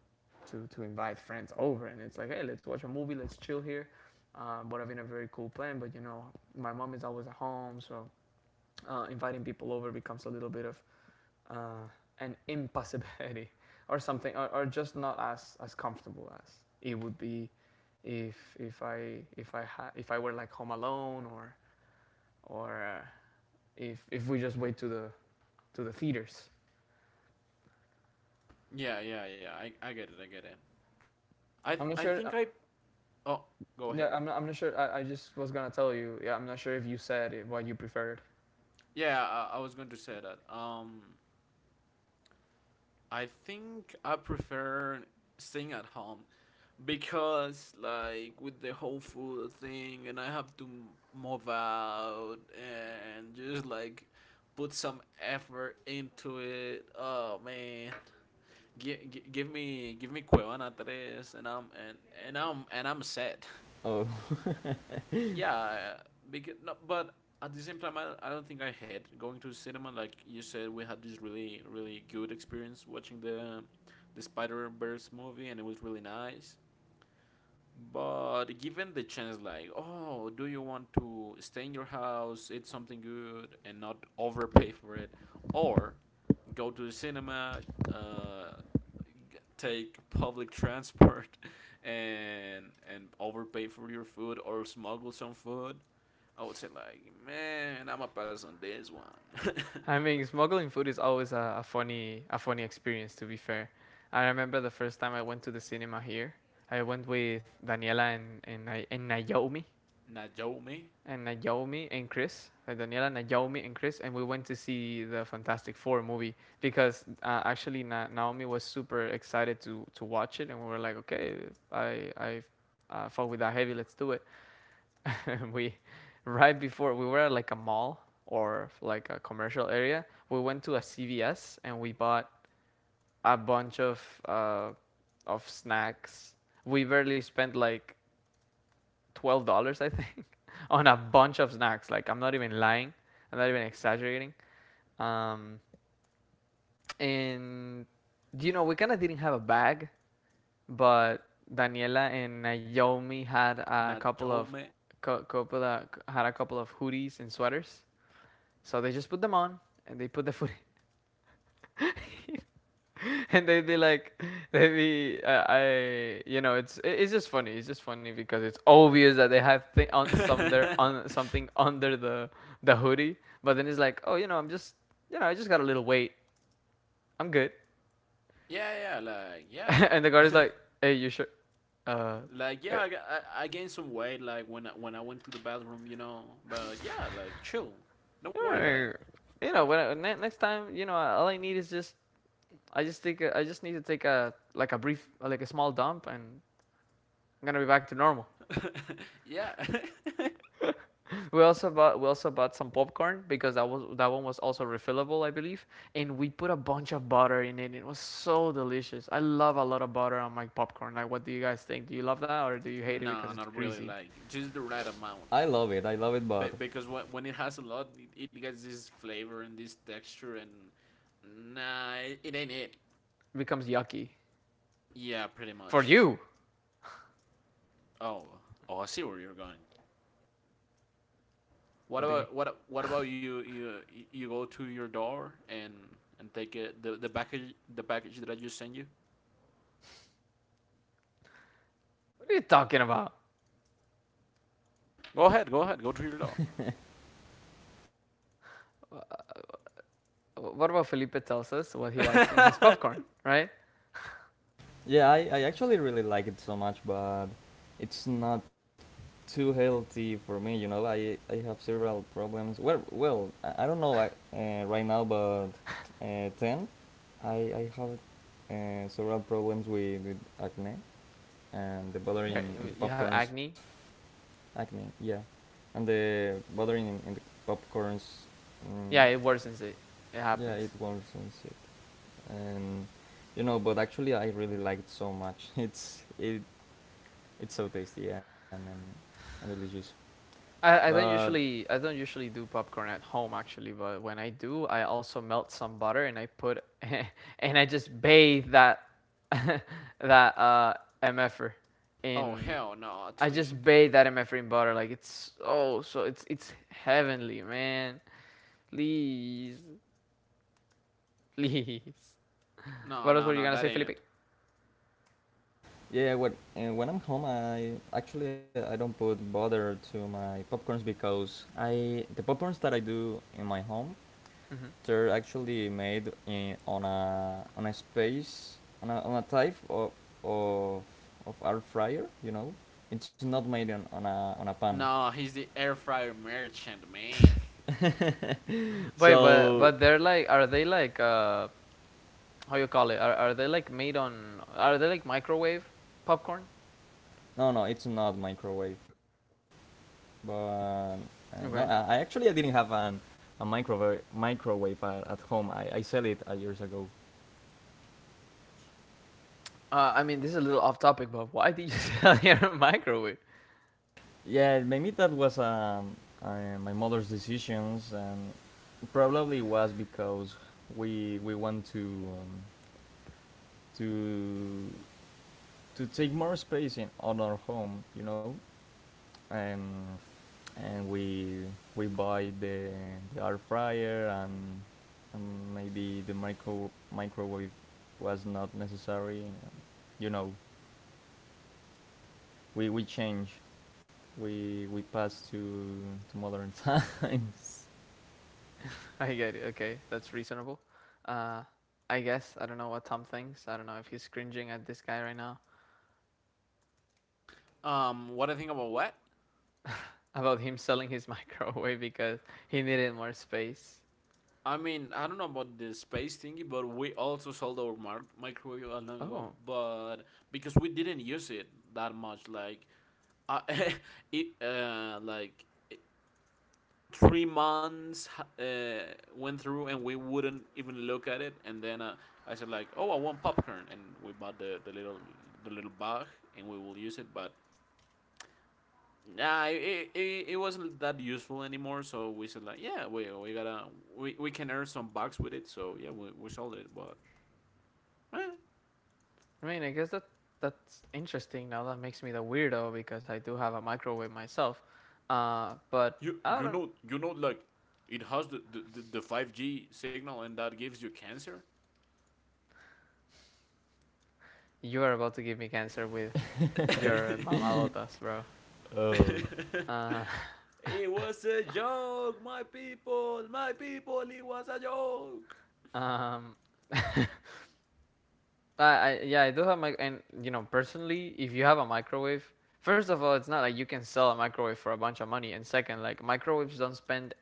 [SPEAKER 1] to, to invite friends over. And it's like, hey, let's watch a movie, let's chill here. Um, but I've been a very cool plan. But you know, my mom is always at home, so uh, inviting people over becomes a little bit of uh, an impossibility or something, or, or just not as, as comfortable as it would be if if I if I ha- if I were like home alone or or uh, if if we just wait to the to the theaters.
[SPEAKER 3] yeah, yeah, yeah. I, I get it. I get it. I th-
[SPEAKER 1] I'm not
[SPEAKER 3] I
[SPEAKER 1] sure. Uh,
[SPEAKER 3] think I oh, go
[SPEAKER 1] yeah,
[SPEAKER 3] ahead.
[SPEAKER 1] I'm not, I'm not sure. I, I just was gonna tell you. Yeah, I'm not sure if you said it, what you preferred.
[SPEAKER 3] Yeah, I, I was going to say that. Um, I think I prefer staying at home, because like with the whole food thing and I have to move out and just like put some effort into it. Oh man, gi- gi- give me, give me Cuevana Tres and i'm and, and i'm and I'm set.
[SPEAKER 2] oh,
[SPEAKER 3] Yeah, because no, but at the same time I, I don't think I hate going to cinema. Like you said, we had this really, really good experience watching the the Spider Verse movie, and it was really nice. But given the chance, like, oh, do you want to stay in your house, eat something good, and not overpay for it, or go to the cinema, uh, g- take public transport, and and overpay for your food or smuggle some food? I would say like, man, I'ma pass on this one.
[SPEAKER 1] I mean, smuggling food is always a, a funny a funny experience to be fair. I remember the first time I went to the cinema here. I went with Daniela and and, I- and Naomi
[SPEAKER 3] Not not me,
[SPEAKER 1] and Naomi and Chris. Uh, Daniela, Naomi and Chris and we went to see the Fantastic Four movie because uh, actually Na- Naomi was super excited to to watch it and we were like, "Okay, I I uh, fought with that heavy, let's do it." We right before we were at like a mall or like a commercial area. We went to a C V S and we bought a bunch of uh, of snacks. We barely spent like twelve dollars, I think, on a bunch of snacks. Like I'm not even lying. I'm not even exaggerating. Um, and you know, we kind of didn't have a bag, but Daniela and Naomi had a couple
[SPEAKER 3] Najomi,
[SPEAKER 1] of
[SPEAKER 3] me.
[SPEAKER 1] co- couple of, had a couple of hoodies and sweaters. So they just put them on and they put the food and they'd be like, they'd be, uh, I, you know, it's it's just funny. It's just funny because it's obvious that they have thi- on some there on something under the the hoodie, but then it's like, oh, you know, I'm just, you know, I just got a little weight. I'm good.
[SPEAKER 3] yeah, yeah, like,
[SPEAKER 1] And the guard is
[SPEAKER 3] yeah.
[SPEAKER 1] like, hey, you sure? Uh,
[SPEAKER 3] Like
[SPEAKER 1] eh,
[SPEAKER 3] yeah, I I I gained some weight like when I, when I went to the bathroom, you know. But yeah, like chill, don't worry about
[SPEAKER 1] you know, when I, next time, you know, all I need is just, I just take, a, I just need to take a like a brief, like a small dump, and I'm gonna be back to normal.
[SPEAKER 3] it. yeah,
[SPEAKER 1] We also bought we also bought some popcorn because that was that one was also refillable, I believe. And we put a bunch of butter in it. It was so delicious. I love a lot of butter on my popcorn. Like, what do you guys think? Do you love that or do you hate it because
[SPEAKER 3] no,
[SPEAKER 1] it's
[SPEAKER 3] not really.
[SPEAKER 1] greasy?
[SPEAKER 3] Like just the right amount.
[SPEAKER 2] I love it. I love it,
[SPEAKER 3] Be-
[SPEAKER 2] but
[SPEAKER 3] because when when it has a lot, it, it gets this flavor and this texture, and nah, it, it ain't it.
[SPEAKER 1] It becomes yucky
[SPEAKER 3] Yeah, pretty
[SPEAKER 1] for
[SPEAKER 3] much.
[SPEAKER 1] you.
[SPEAKER 3] Oh, oh, I see where you're going. What
[SPEAKER 1] What do you mean?
[SPEAKER 3] about, what what about you? You you go to your door and and take it, the the package, the package that I just sent you.
[SPEAKER 1] What are you talking about?
[SPEAKER 3] Go ahead, go ahead, go drill it out.
[SPEAKER 1] What about Felipe tells us what he likes in his popcorn, right?
[SPEAKER 2] yeah, I, I actually really like it so much, but it's not too healthy for me. You know, I I have several problems. Well, well, I, I don't know I, uh, right now, but uh, ten. I I have uh, several problems with, with acne. And the buttering in
[SPEAKER 1] you
[SPEAKER 2] the
[SPEAKER 1] You have
[SPEAKER 2] popcorns
[SPEAKER 1] acne.
[SPEAKER 2] acne yeah and the buttering in, in the popcorns mm,
[SPEAKER 1] Yeah, it worsens it. It
[SPEAKER 2] yeah it
[SPEAKER 1] happens.
[SPEAKER 2] worsens it. And you know, but actually I really like it so much. it's it it's so tasty and and, and delicious.
[SPEAKER 1] I, I don't
[SPEAKER 2] But
[SPEAKER 1] usually I don't usually do popcorn at home actually, but when I do, I also melt some butter and I put and I just bathe that that uh mf'er
[SPEAKER 3] Oh
[SPEAKER 1] in
[SPEAKER 3] hell no,
[SPEAKER 1] I just
[SPEAKER 3] tween.
[SPEAKER 1] bathe that mf'er in butter like it's oh so it's it's heavenly man please please
[SPEAKER 3] No,
[SPEAKER 1] what else
[SPEAKER 3] no,
[SPEAKER 1] were you
[SPEAKER 3] no,
[SPEAKER 1] gonna
[SPEAKER 3] that
[SPEAKER 1] say
[SPEAKER 3] ain't
[SPEAKER 1] Felipe?
[SPEAKER 3] it.
[SPEAKER 2] yeah, when uh, when I'm home, I actually I don't put butter to my popcorns because I the popcorns that I do in my home
[SPEAKER 1] hmm
[SPEAKER 2] they're actually made in on a on a space on a, on a type of of of air fryer. You know, it's not made on, on a on a pan.
[SPEAKER 3] No, he's the air fryer merchant, man.
[SPEAKER 1] Wait, but
[SPEAKER 2] So
[SPEAKER 1] but they're like are they like uh how you call it are are they like made on are they like microwave popcorn?
[SPEAKER 2] no, no, it's not microwave. But uh, no, I, I
[SPEAKER 1] Okay.
[SPEAKER 2] actually I didn't have an a microwave microwave at, at home. I, I sell it uh, years ago.
[SPEAKER 1] Uh, I mean, this is a little off topic, but why did you sell your microwave?
[SPEAKER 2] Yeah, maybe that was um uh, my mother's decisions, and probably was because we we want to um, to to take more space in on our home, you know, and and we we buy the the air fryer, and, and maybe the micro microwave was not necessary. You know, we we change, we we pass to to modern times.
[SPEAKER 1] I get it. Okay, that's reasonable. Uh, I guess I don't know what Tom thinks. I don't know if he's cringing at this guy right now
[SPEAKER 3] Um, what I think about what?
[SPEAKER 1] about him selling his microwave because he needed more space.
[SPEAKER 3] I mean, I don't know about the space thingy, but we also sold our mar- microwave a long ago,
[SPEAKER 1] Oh,
[SPEAKER 3] but because we didn't use it that much, like, uh, it, uh, like three months uh, went through and we wouldn't even look at it, and then uh, I said like, oh, I want popcorn, and we bought the, the little, the little bag, and we will use it. But nah, it, it, it wasn't that useful anymore, so we said like, yeah, we, we gotta, we, we can earn some bucks with it. So yeah, we, we sold it, but eh.
[SPEAKER 1] I mean, I guess that that's interesting. Now that makes me the weirdo because I do have a microwave myself. Uh, but
[SPEAKER 3] you
[SPEAKER 1] I
[SPEAKER 3] you know
[SPEAKER 1] don't.
[SPEAKER 3] you know like it has the, the, the five g signal and that gives you cancer.
[SPEAKER 1] You are about to give me cancer with your mamalotas, bro.
[SPEAKER 2] uh,
[SPEAKER 1] Uh,
[SPEAKER 3] It was a joke, my people, my people, it was a joke.
[SPEAKER 1] um. I, I yeah, I do have my and you know personally, if you have a microwave, first of all, it's not like you can sell a microwave for a bunch of money, and second, like microwaves don't spend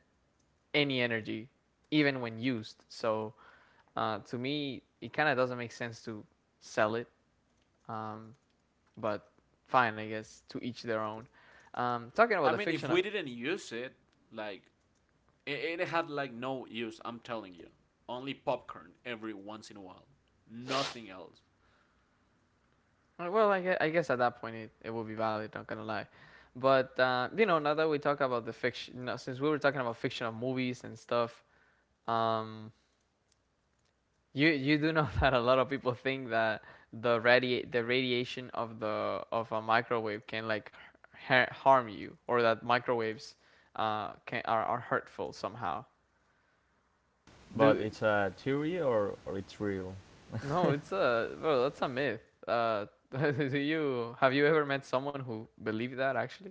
[SPEAKER 1] any energy, even when used. So uh, to me, it kind of doesn't make sense to sell it. Um, but fine, I guess to each their own. Um, talking
[SPEAKER 3] I
[SPEAKER 1] about the
[SPEAKER 3] mean, if
[SPEAKER 1] fiction,
[SPEAKER 3] we
[SPEAKER 1] uh,
[SPEAKER 3] didn't use it, like, it, it had like no use, I'm telling you. Only popcorn every once in a while. Nothing else.
[SPEAKER 1] well, I guess, I guess at that point it, it will be valid. Not gonna lie. But uh, you know, now that we talk about the fiction, now, since we were talking about fictional movies and stuff, um, You you do know that a lot of people think that the radi the radiation of the of a microwave can like ha harm you or that microwaves uh can are, are hurtful somehow.
[SPEAKER 2] but
[SPEAKER 1] Do
[SPEAKER 2] it's a theory or or it's real?
[SPEAKER 1] no, it's a well that's a myth. Uh do you have you ever met someone who believed that actually?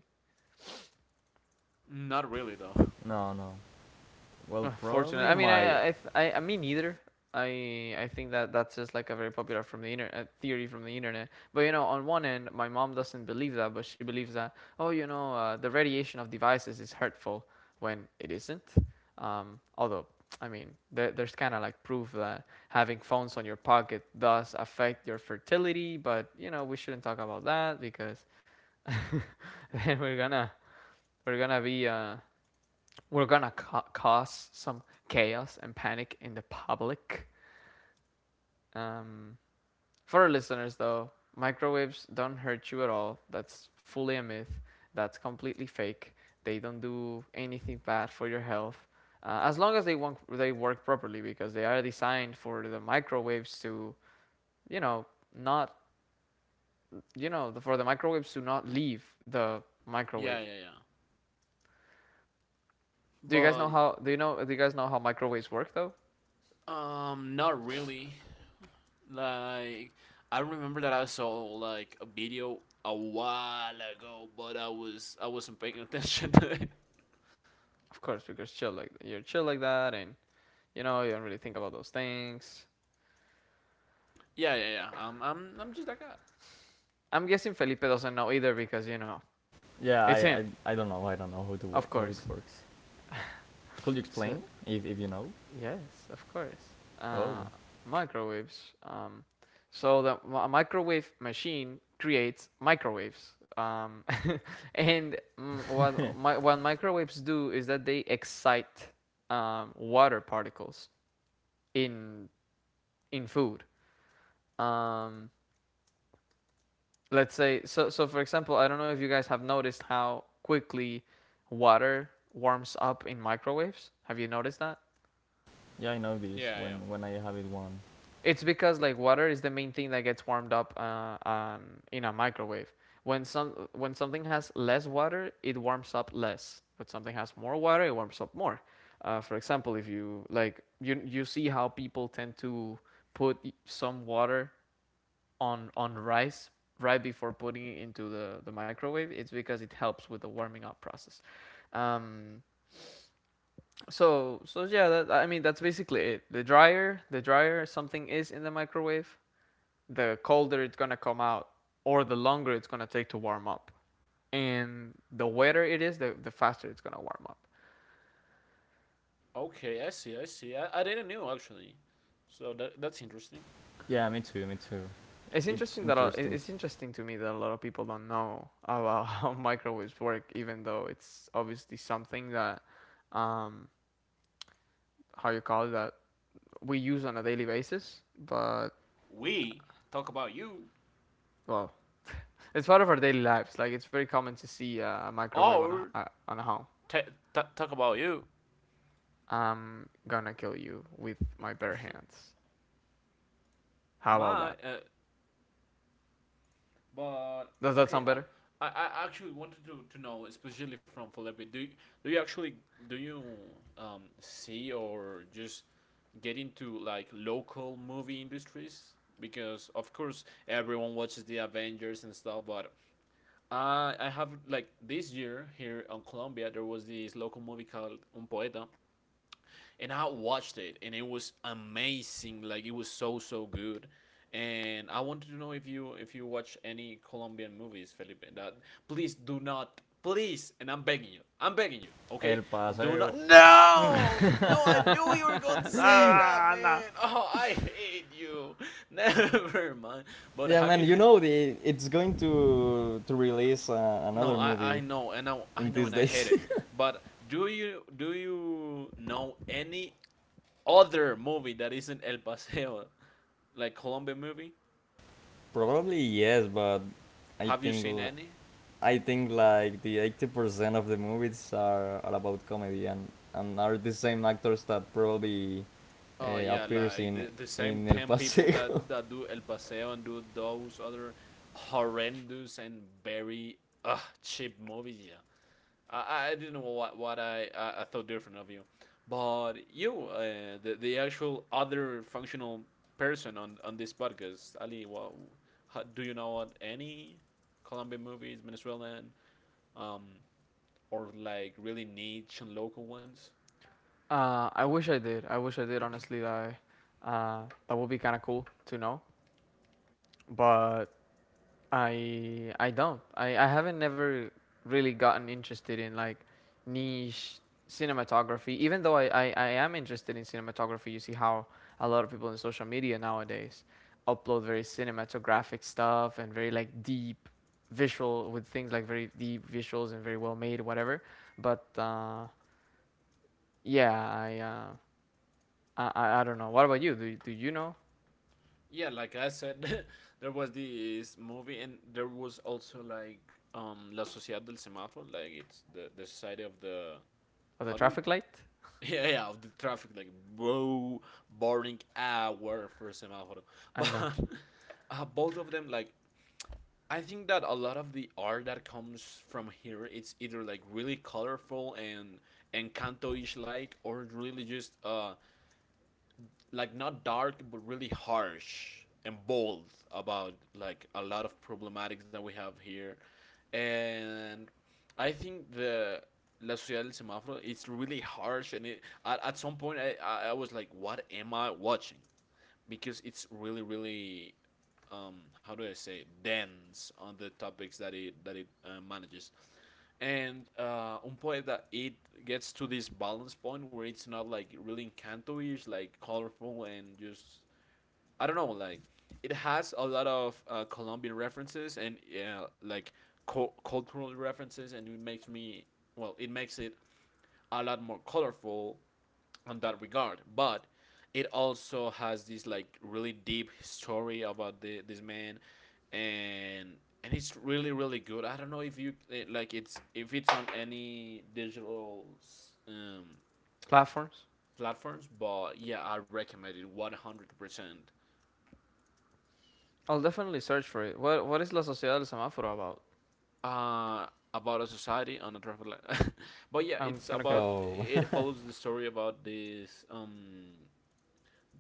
[SPEAKER 3] Not really, though.
[SPEAKER 2] No, no. Well,
[SPEAKER 1] Unfortunate.
[SPEAKER 2] probably
[SPEAKER 1] I mean,
[SPEAKER 2] my
[SPEAKER 1] I, I, th- I, I mean, neither. I, I think that that's just like a very popular from the internet theory from the internet. But you know, on one end, my mom doesn't believe that, but she believes that oh, you know, uh, the radiation of devices is hurtful when it isn't. Um, although, I mean, there, there's kind of like proof that having phones on your pocket does affect your fertility. But you know, we shouldn't talk about that because then we're gonna we're gonna be uh, we're gonna ca- cause some chaos and panic in the public. Um, for our listeners, though, microwaves don't hurt you at all. That's fully a myth. That's completely fake. They don't do anything bad for your health, uh, as long as they won't, they work properly because they are designed for the microwaves to, you know, not, you know, for the microwaves to not leave the
[SPEAKER 3] Yeah,
[SPEAKER 1] microwave.
[SPEAKER 3] yeah, yeah.
[SPEAKER 1] Do you guys
[SPEAKER 3] But,
[SPEAKER 1] know how? Do you know? Do you guys know how microwaves work though?
[SPEAKER 3] um, not really. Like, I remember that I saw like a video a while ago, but I was I wasn't paying attention to it.
[SPEAKER 1] Of course, because chill like you're chill like that, and you know, you don't really think about those things.
[SPEAKER 3] Yeah, yeah, yeah. Um, I'm I'm just that guy.
[SPEAKER 1] I'm guessing Felipe doesn't know either because, you know,
[SPEAKER 2] yeah.
[SPEAKER 1] it's
[SPEAKER 2] I,
[SPEAKER 1] him,
[SPEAKER 2] I I don't know. I don't know how to work
[SPEAKER 1] of
[SPEAKER 2] how it
[SPEAKER 1] course.
[SPEAKER 2] works. Could you
[SPEAKER 1] So,
[SPEAKER 2] explain if, if you know?
[SPEAKER 1] yes, of course.
[SPEAKER 2] Oh,
[SPEAKER 1] Uh, microwaves. Um, so, the a microwave machine creates microwaves. Um, and mm, what, mi- what microwaves do is that they excite um, water particles in, in food. Um, let's say so so for example I don't know if you guys have noticed how quickly water warms up in microwaves, have you noticed that?
[SPEAKER 2] yeah, I know this
[SPEAKER 3] Yeah, yeah.
[SPEAKER 2] when when I have it one.
[SPEAKER 1] It's because like water is the main thing that gets warmed up uh, um, in a microwave when some when something has less water it warms up less, but something has more water it warms up more. Uh, for example if you like you you see how people tend to put some water on on rice right before putting it into the, the microwave. It's because it helps with the warming up process. Um, so so yeah that, I mean that's basically it. The drier the drier something is in the microwave, the colder it's going to come out or the longer it's going to take to warm up, and the wetter it is, the, the faster it's going to warm up.
[SPEAKER 3] Okay, I see, I see. I, I didn't know actually. So that, that's interesting.
[SPEAKER 2] Yeah, me too, me too.
[SPEAKER 1] It's
[SPEAKER 2] It's
[SPEAKER 1] interesting that a-
[SPEAKER 2] interesting.
[SPEAKER 1] it's interesting to me that a lot of people don't know about how microwaves work, even though it's obviously something that um, how you call that, we use on a daily basis, but
[SPEAKER 3] We talk about you
[SPEAKER 1] well, it's part of our daily lives. Like it's very common to see uh, a microwave on a
[SPEAKER 3] or
[SPEAKER 1] uh, on a home.
[SPEAKER 3] t- t- talk about you.
[SPEAKER 1] I'm gonna kill you with my bare hands. How about
[SPEAKER 3] My,
[SPEAKER 1] that?
[SPEAKER 3] uh, but
[SPEAKER 1] Does that
[SPEAKER 3] okay.
[SPEAKER 1] sound
[SPEAKER 3] I,
[SPEAKER 1] better?
[SPEAKER 3] I I actually wanted to, to know, especially from Felipe. Do you, do you actually do you um see, or just get into like local movie industries? Because of course everyone watches the Avengers and stuff, but uh, I have like this year here on Colombia there was this local movie called Un Poeta, and I watched it and it was amazing. Like it was so, so good, and I wanted to know if you, if you watch any Colombian movies, Felipe. That, please do not, please, and I'm begging you, I'm begging you, okay?
[SPEAKER 2] El
[SPEAKER 3] Do not,
[SPEAKER 2] Paseo.
[SPEAKER 3] no, no. I knew you were going to say that,
[SPEAKER 1] ah, nah.
[SPEAKER 3] man. Oh, I hate you. Never mind. But
[SPEAKER 2] Yeah,
[SPEAKER 3] have
[SPEAKER 2] man,
[SPEAKER 3] you
[SPEAKER 2] you know the it's going to to release uh,
[SPEAKER 3] No,
[SPEAKER 2] another
[SPEAKER 3] I, I
[SPEAKER 2] movie
[SPEAKER 3] know, and I,
[SPEAKER 2] in
[SPEAKER 3] I know,
[SPEAKER 2] these
[SPEAKER 3] and I hate
[SPEAKER 2] days.
[SPEAKER 3] it. But do you do you know any other movie that isn't El Paseo, like Colombian movie?
[SPEAKER 2] Probably yes, but I
[SPEAKER 3] Have you
[SPEAKER 2] think
[SPEAKER 3] seen
[SPEAKER 2] l-
[SPEAKER 3] any?
[SPEAKER 2] I think like the eighty percent of the movies are, are about comedy and and are the same actors that probably
[SPEAKER 3] Oh
[SPEAKER 2] uh,
[SPEAKER 3] yeah,
[SPEAKER 2] appears
[SPEAKER 3] like
[SPEAKER 2] in
[SPEAKER 3] the, the same
[SPEAKER 2] in El
[SPEAKER 3] ten people
[SPEAKER 2] Paseo.
[SPEAKER 3] that that do El Paseo and do those other horrendous and very uh, cheap movies. Yeah, I, I didn't know what what I, I I thought different of you, but you uh, the the actual other functional person on on this podcast, Ali. What how, do you know what any Colombian movies, Venezuelan, um, or like really niche and local ones?
[SPEAKER 1] Uh, I wish I did. I wish I did. Honestly, that I, uh, that would be kind of cool to know. But I I don't. I I haven't never really gotten interested in like niche cinematography. Even though I I, I am interested in cinematography, you see how a lot of people in social media nowadays upload very cinematographic stuff and very like deep visual with things like very deep visuals and very well made whatever. But uh, yeah, I uh I, I I don't know. What about you? Do do you know
[SPEAKER 3] Yeah, like I said, there was this movie, and there was also like um La Sociedad del Semáforo, like it's the the society of the
[SPEAKER 1] of the
[SPEAKER 3] how do you
[SPEAKER 1] traffic light?
[SPEAKER 3] Yeah, yeah, of the traffic, like, bro, boring hour for semaphore.
[SPEAKER 1] I
[SPEAKER 3] But
[SPEAKER 1] know
[SPEAKER 3] uh, both of them, like, I think that a lot of the art that comes from here, it's either like really colorful and Encanto-ish like, or really just uh like not dark but really harsh and bold about like a lot of problematics that we have here, and I think the la ciudad del semáforo it's really harsh and it, at, at some point I, I i was like, what am I watching? Because it's really really um, how do I say, dense on the topics that it that it uh, manages. And uh, un poeta, that it gets to this balance point where it's not like really encanto-ish, like colorful and just I don't know, like it has a lot of uh, Colombian references and uh, like co- cultural references, and it makes me, well, it makes it a lot more colorful on that regard. But it also has this like really deep story about the, this man, and and it's really really good. I don't know if you eh, like it's if it's on any digital um,
[SPEAKER 1] platforms.
[SPEAKER 3] platforms, but yeah, I recommend it one hundred percent.
[SPEAKER 1] I'll definitely search for it. What What is La Sociedad del Semáforo about?
[SPEAKER 3] Uh, about a society on a traffic light. But yeah,
[SPEAKER 1] I'm
[SPEAKER 3] it's
[SPEAKER 1] gonna go
[SPEAKER 3] about,
[SPEAKER 2] Oh.
[SPEAKER 3] it follows the story about this um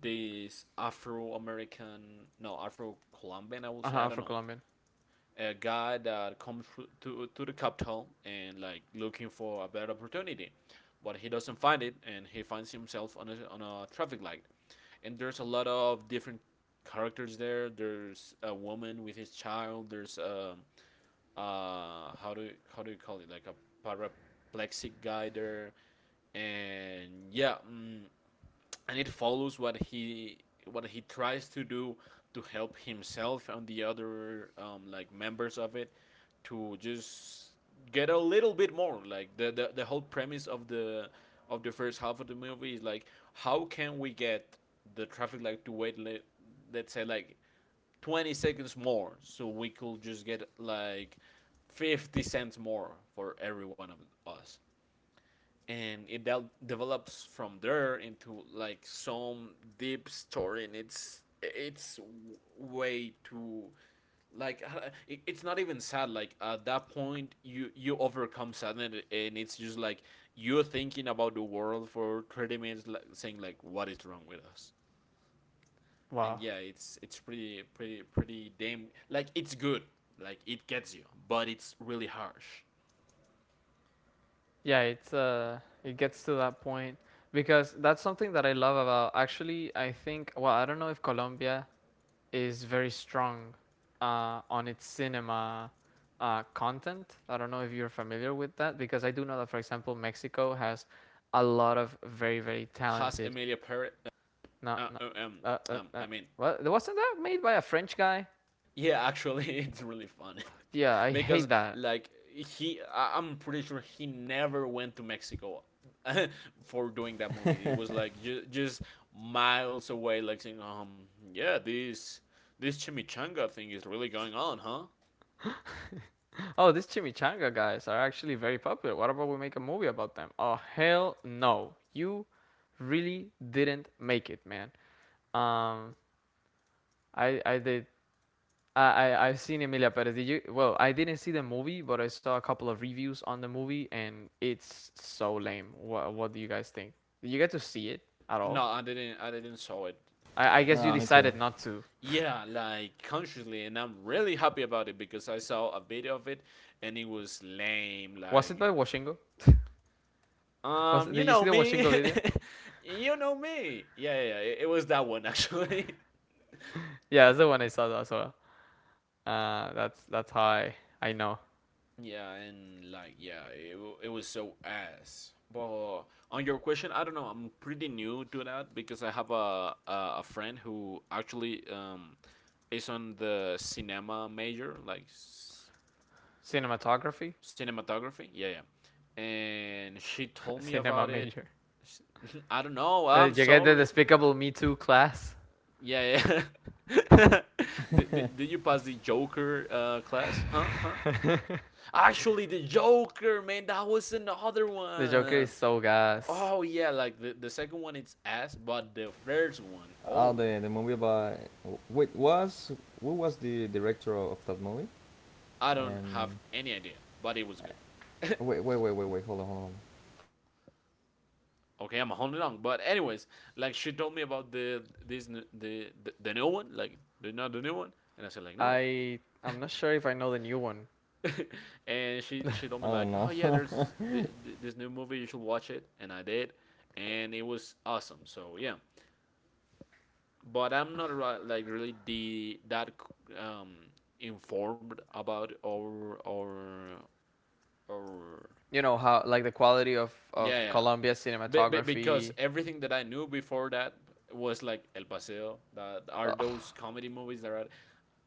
[SPEAKER 3] this Afro American no Afro Colombian, I will
[SPEAKER 1] uh,
[SPEAKER 3] say, I don't know,
[SPEAKER 1] Afro-Colombian.
[SPEAKER 3] a guy that comes to to the capital and like looking for a better opportunity, but he doesn't find it, and he finds himself on a on a traffic light, and there's a lot of different characters there. There's a woman with his child. There's a uh how do you, how do you call it, like a paraplexic guy there, and yeah. Mm, and it follows what he what he tries to do to help himself and the other um, like members of it to just get a little bit more. Like the, the the whole premise of the of the first half of the movie is like, how can we get the traffic light to wait, let, let's say like twenty seconds more so we could just get like fifty cents more for every one of us. And it del- develops from there into like some deep story, and it's it's way too like uh, it's not even sad. Like at that point you you overcome sadness, and it's just like you're thinking about the world for thirty minutes, like saying like, what is wrong with us?
[SPEAKER 1] Wow.
[SPEAKER 3] And yeah, it's it's pretty pretty pretty damn, like it's good, like it gets you, but it's really harsh.
[SPEAKER 1] Yeah, it's uh, it gets to that point because that's something that I love about. Actually, I think. Well, I don't know if Colombia is very strong, uh, on its cinema, uh, content. I don't know if you're familiar with that because I do know that, for example, Mexico has a lot of very very
[SPEAKER 3] Has
[SPEAKER 1] talented.
[SPEAKER 3] Emilia Perez.
[SPEAKER 1] Not,
[SPEAKER 3] uh,
[SPEAKER 1] not
[SPEAKER 3] uh, um,
[SPEAKER 1] uh, uh,
[SPEAKER 3] um,
[SPEAKER 1] uh,
[SPEAKER 3] I mean,
[SPEAKER 1] what wasn't that made by a French guy?
[SPEAKER 3] yeah, actually, it's really funny
[SPEAKER 1] Yeah, I hate
[SPEAKER 3] because
[SPEAKER 1] that.
[SPEAKER 3] like he, I- I'm pretty sure he never went to Mexico for doing that movie. It was like ju- just miles away, like saying, um, yeah, this this chimichanga thing is really going on, huh?
[SPEAKER 1] Oh, these chimichanga guys are actually very popular. What about we make a movie about them? Oh, hell no. You really didn't make it, man. Um, I I did. I, I, I've seen Emilia Perez. Did you? Well, I didn't see the movie, but I saw a couple of reviews on the movie, and it's so lame. What, what do you guys think? Did you get to see it at
[SPEAKER 3] No,
[SPEAKER 1] all?
[SPEAKER 3] I didn't, I didn't saw it.
[SPEAKER 1] I, I
[SPEAKER 3] Like,
[SPEAKER 1] guess you
[SPEAKER 2] no,
[SPEAKER 3] uh,
[SPEAKER 2] me too.
[SPEAKER 1] decided not to.
[SPEAKER 3] yeah, like consciously, and I'm really happy about it because I saw a video of it, and it was lame.
[SPEAKER 1] Was it by
[SPEAKER 3] Like,
[SPEAKER 1] Washingo? Was
[SPEAKER 3] um, you
[SPEAKER 1] did you
[SPEAKER 3] know
[SPEAKER 1] see the
[SPEAKER 3] me.
[SPEAKER 1] Washingo video?
[SPEAKER 3] You know me. Yeah, yeah, yeah, it, it was that one actually.
[SPEAKER 1] Yeah, that's the one I saw as well. Uh, that's that's how I, I know.
[SPEAKER 3] Yeah, and like, yeah, it, it was so ass. But on your question, I don't know. I'm pretty new to that because I have a a, a friend who actually um is on the cinema major, like s-
[SPEAKER 1] Cinematography?
[SPEAKER 3] cinematography. Yeah, yeah. And she told me
[SPEAKER 1] Cinema
[SPEAKER 3] about it.
[SPEAKER 1] major.
[SPEAKER 3] I don't know.
[SPEAKER 1] Uh,
[SPEAKER 3] I'm
[SPEAKER 1] you get the
[SPEAKER 3] sorry.
[SPEAKER 1] Despicable Me two class.
[SPEAKER 3] Yeah, yeah. did, did, did you pass the Joker uh, class? Huh? Huh? Actually, the Joker, man, that was another
[SPEAKER 1] The Joker
[SPEAKER 3] one.
[SPEAKER 1] is so gas.
[SPEAKER 3] Oh, yeah, like the, the second one, it's ass, but the first one,
[SPEAKER 2] Oh,
[SPEAKER 3] oh,
[SPEAKER 2] the the movie about wait was who was the director of that movie?
[SPEAKER 3] I don't have
[SPEAKER 2] And
[SPEAKER 3] any idea, but it was good.
[SPEAKER 2] wait, wait, wait, wait, wait. Hold on, hold on.
[SPEAKER 3] Okay, I'm holding on. But anyways, like she told me about the this n- the, the, the new one, like the, not the new one. And I said, like, no.
[SPEAKER 1] I I'm not sure if I know the new one.
[SPEAKER 3] And she she told
[SPEAKER 2] I
[SPEAKER 3] me like,
[SPEAKER 2] don't
[SPEAKER 3] oh yeah, there's
[SPEAKER 2] know.
[SPEAKER 3] this, th- th- this new movie, you should watch it, and I did, and it was awesome. So yeah, but I'm not like really the that um informed about our our our
[SPEAKER 1] You know how like the quality of
[SPEAKER 3] Yeah,
[SPEAKER 1] of
[SPEAKER 3] yeah.
[SPEAKER 1] Colombia
[SPEAKER 3] Be- be- because
[SPEAKER 1] cinematography.
[SPEAKER 3] everything that I knew before that was like El Paseo, that are
[SPEAKER 1] Ugh.
[SPEAKER 3] those comedy movies that are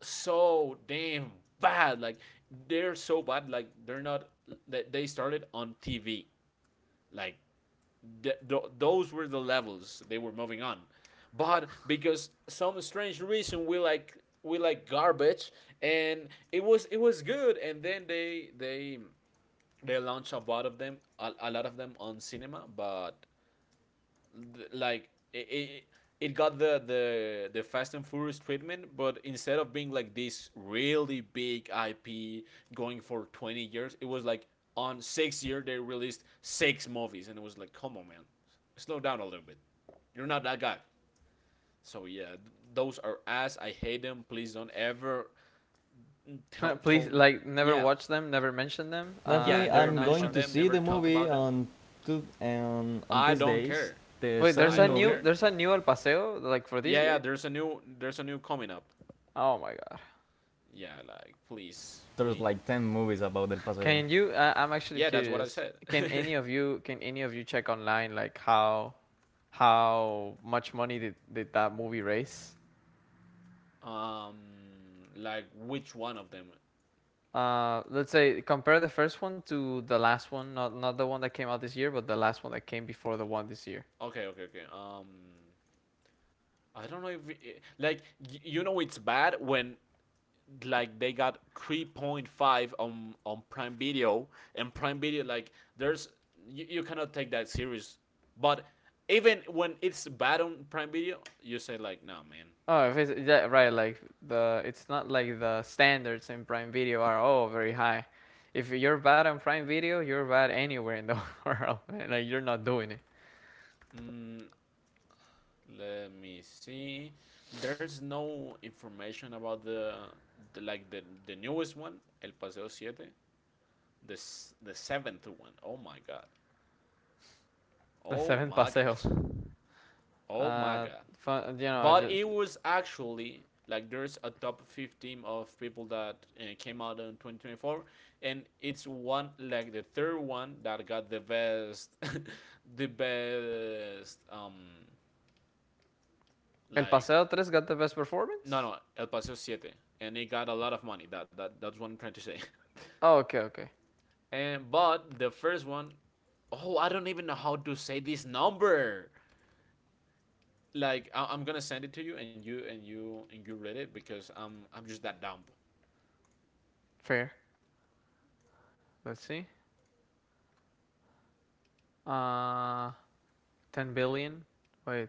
[SPEAKER 3] so damn bad. Like they're so bad. Like they're not. That they started on T V. Like th- th- those were the levels they were moving on. But because some strange reason, we like we like garbage, and it was it was good. And then they they they launched a lot of them, a, a lot of them on cinema, but th- like it, it, it got the, the the Fast and Furious treatment, but instead of being like this really big I P going for twenty years, it was like on six year they released six movies, and it was like, come on, man, slow down a little bit. You're not that guy. So yeah, th- those are ass. I hate them. Please don't ever tell
[SPEAKER 1] Please
[SPEAKER 3] told me.
[SPEAKER 1] like never
[SPEAKER 3] Yeah,
[SPEAKER 1] watch them, never mention them.
[SPEAKER 3] yeah.
[SPEAKER 1] Uh,
[SPEAKER 2] Definitely,
[SPEAKER 1] they're
[SPEAKER 3] Never
[SPEAKER 2] I'm
[SPEAKER 1] not
[SPEAKER 3] mention
[SPEAKER 2] going
[SPEAKER 1] part. Of...
[SPEAKER 2] to
[SPEAKER 3] them.
[SPEAKER 2] see
[SPEAKER 3] Never
[SPEAKER 2] the
[SPEAKER 3] talk about
[SPEAKER 2] movie
[SPEAKER 3] them.
[SPEAKER 2] on two on on
[SPEAKER 3] I
[SPEAKER 2] these
[SPEAKER 3] don't
[SPEAKER 2] days.
[SPEAKER 3] care.
[SPEAKER 2] The
[SPEAKER 1] Wait, there's
[SPEAKER 3] I
[SPEAKER 2] seventh
[SPEAKER 1] a
[SPEAKER 3] don't
[SPEAKER 1] new
[SPEAKER 2] movie.
[SPEAKER 3] care.
[SPEAKER 1] there's a new El Paseo like for this
[SPEAKER 3] Yeah, yeah.
[SPEAKER 1] year.
[SPEAKER 3] There's a new, there's a new coming up.
[SPEAKER 1] Oh my god.
[SPEAKER 3] Yeah, like please,
[SPEAKER 2] There's
[SPEAKER 3] please.
[SPEAKER 2] like ten movies about El Paseo.
[SPEAKER 1] Can you? Uh, I'm actually
[SPEAKER 3] Yeah, that's what I
[SPEAKER 1] curious.
[SPEAKER 3] said.
[SPEAKER 1] Can any of you? Can any of you check online like how how much money did, did that movie raise?
[SPEAKER 3] um, like which one of them?
[SPEAKER 1] Uh, let's say compare the first one to the last one. Not not the one that came out this year, but the last one that came before the one this year.
[SPEAKER 3] Okay, okay, okay. Um, I don't know if it- like y- you know it's bad when like they got three point five on on Prime Video, and Prime Video, like there's, you, you cannot take that serious. But even when it's bad on Prime Video, you say like, nah, man.
[SPEAKER 1] Oh, if it's yeah, right. Like the it's not like the standards in Prime Video are oh very high. If you're bad on Prime Video, you're bad anywhere in the world. Man. Like you're not doing it.
[SPEAKER 3] Mm, let me see. There's no information about the, the like the the newest one, El Paseo Siete, the the seventh one. Oh my god.
[SPEAKER 1] The
[SPEAKER 3] Oh
[SPEAKER 1] seventh
[SPEAKER 3] my god.
[SPEAKER 1] paseo.
[SPEAKER 3] Oh my
[SPEAKER 1] Uh,
[SPEAKER 3] god.
[SPEAKER 1] fun, you know,
[SPEAKER 3] But
[SPEAKER 1] just
[SPEAKER 3] it was actually like there's a top fifteen of people that uh, came out in twenty twenty-four, and it's one like the third one that got the best the best um
[SPEAKER 1] El
[SPEAKER 3] like
[SPEAKER 1] Paseo tres got the best performance?
[SPEAKER 3] No, no, El Paseo Siete, and it got a lot of money. That that that's what I'm trying to say.
[SPEAKER 1] Oh, okay, okay.
[SPEAKER 3] And but the first one, oh, I don't even know how to say this number. Like I, I'm gonna send it to you, and you and you and you read it because I'm I'm just that dumb.
[SPEAKER 1] Fair. Let's see. Uh, ten billion. Wait,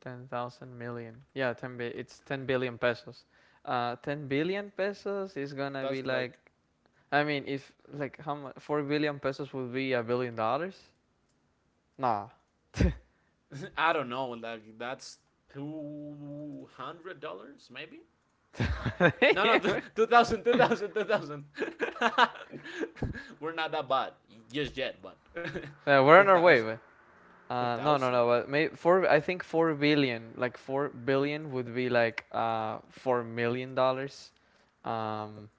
[SPEAKER 1] ten thousand million. Yeah, ten bi- it's ten billion pesos. Uh, ten billion pesos is gonna
[SPEAKER 3] That's
[SPEAKER 1] be
[SPEAKER 3] like,
[SPEAKER 1] like, I mean, if like how much four billion pesos would be a billion dollars? Nah.
[SPEAKER 3] I don't know. Like that's two hundred dollars maybe. No, no,
[SPEAKER 1] yeah,
[SPEAKER 3] two thousand, two thousand, two thousand. We're not that bad just yet, but
[SPEAKER 1] we're
[SPEAKER 3] two
[SPEAKER 1] on our way,
[SPEAKER 3] thousand,
[SPEAKER 1] but
[SPEAKER 3] two
[SPEAKER 1] uh, no, no,
[SPEAKER 3] thousand.
[SPEAKER 1] no. But may four. I think four billion, like four billion would be like uh four million dollars. Um,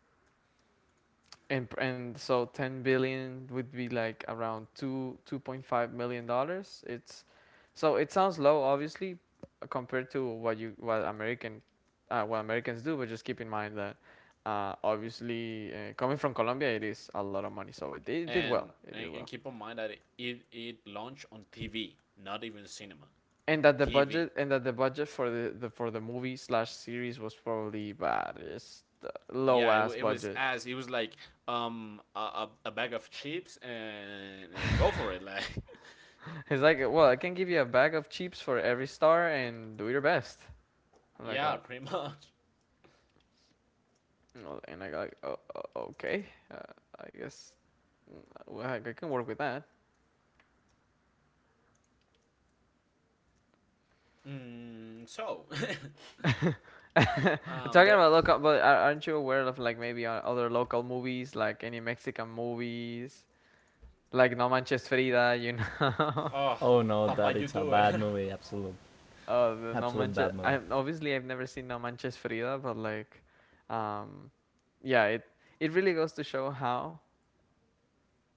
[SPEAKER 1] And and so ten billion would be like around two two point five million dollars. It's so it sounds low obviously uh, compared to what you what American uh, what Americans do, but just keep in mind that uh, obviously uh, coming from Colombia it is a lot of money. So it, it did
[SPEAKER 3] And
[SPEAKER 1] well. It did
[SPEAKER 3] and,
[SPEAKER 1] well.
[SPEAKER 3] and keep in mind that it, it it launched on T V, not even cinema,
[SPEAKER 1] And that the
[SPEAKER 3] T V.
[SPEAKER 1] budget and that the budget for the, the for the movie slash series was probably bad. It's low
[SPEAKER 3] Yeah, it,
[SPEAKER 1] ass
[SPEAKER 3] it was
[SPEAKER 1] budget.
[SPEAKER 3] as it was like um a, a, a bag of chips and and go for it like
[SPEAKER 1] It's like well, I can give you a bag of chips for every star and do your best. And I
[SPEAKER 3] yeah
[SPEAKER 1] got,
[SPEAKER 3] pretty much.
[SPEAKER 1] and I got, like, oh, oh, okay, uh, I guess, mm, well, I can work with that.
[SPEAKER 3] Mm, so um
[SPEAKER 1] Talking
[SPEAKER 3] the
[SPEAKER 1] about local, but aren't you aware of like maybe other local movies, like any Mexican movies, like No Manches Frida, you know?
[SPEAKER 3] oh
[SPEAKER 2] Oh no,
[SPEAKER 3] papa
[SPEAKER 2] that
[SPEAKER 3] you
[SPEAKER 2] it's a
[SPEAKER 3] do it.
[SPEAKER 2] bad movie. Absolute,
[SPEAKER 1] Oh, the No
[SPEAKER 2] absolute
[SPEAKER 1] Manches.
[SPEAKER 2] bad movie.
[SPEAKER 1] I obviously I've never seen No Manches Frida, but like, um, yeah, it it really goes to show how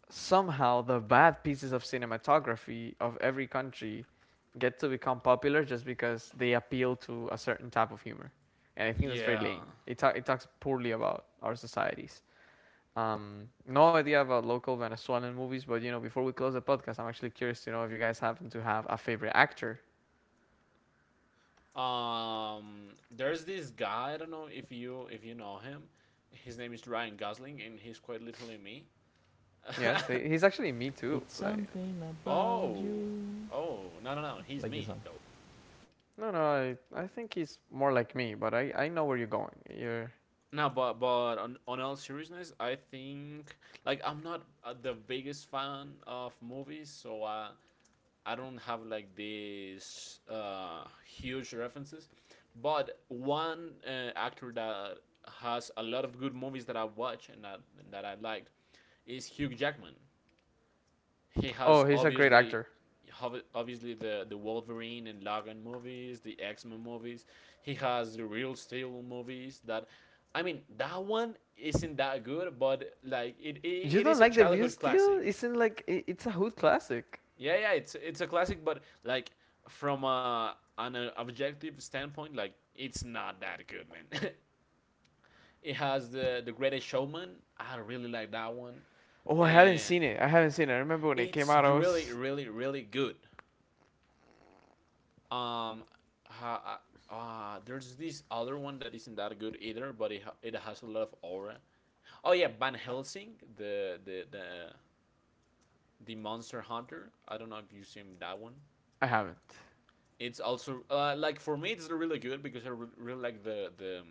[SPEAKER 1] somehow the bad pieces of cinematography of every country get to become popular just because they appeal to a certain type of humor. And I think that's very
[SPEAKER 3] Yeah,
[SPEAKER 1] lame. It, ta- it talks poorly about our societies. Um, no idea about local Venezuelan movies, but you know, before we close the podcast, I'm actually curious to know if you guys happen to have a favorite actor.
[SPEAKER 3] um there's this guy, I don't know if you if you know him, his name is Ryan Gosling and he's quite literally me.
[SPEAKER 1] Yes, he's actually me too.
[SPEAKER 2] It's
[SPEAKER 1] Like,
[SPEAKER 2] something about
[SPEAKER 3] Oh,
[SPEAKER 2] you.
[SPEAKER 3] oh, no, no, no. He's
[SPEAKER 2] Like this
[SPEAKER 3] me
[SPEAKER 2] one.
[SPEAKER 3] though.
[SPEAKER 1] no, no, I, I think he's more like me, but I, I know where you're going. You're,
[SPEAKER 3] No, but but on, on all seriousness, I think like I'm not uh, the biggest fan of movies, so I I don't have like these uh, huge references. But one uh, actor that has a lot of good movies that I watch and that and that I liked is Hugh Jackman. He has
[SPEAKER 1] oh, he's a great
[SPEAKER 3] obviously
[SPEAKER 1] actor.
[SPEAKER 3] obviously the the Wolverine and Logan movies, the X-Men movies. He has the Real Steel movies that, I mean, that one isn't that good, but like it, it,
[SPEAKER 1] You
[SPEAKER 3] it
[SPEAKER 1] don't
[SPEAKER 3] is a
[SPEAKER 1] like the real
[SPEAKER 3] childhood
[SPEAKER 1] steel?
[SPEAKER 3] classic.
[SPEAKER 1] Isn't like I it's a hood classic.
[SPEAKER 3] Yeah, yeah, it's it's a classic, but like from a, an uh, objective standpoint, like it's not that good, man. It has the the Greatest Showman. I really like that one,
[SPEAKER 1] Oh, I haven't
[SPEAKER 3] and
[SPEAKER 1] seen it. I haven't seen it. I remember when it came
[SPEAKER 3] it's
[SPEAKER 1] out. I
[SPEAKER 3] really,
[SPEAKER 1] was
[SPEAKER 3] really, really good. Um, ha, uh, uh, there's this other one that isn't that good either, but it, ha- it has a lot of aura. Oh yeah, Van Helsing, the the the the Monster Hunter. I don't know if you've seen that one.
[SPEAKER 1] I haven't
[SPEAKER 3] It's also uh, like for me, it's really good because I re- really like the the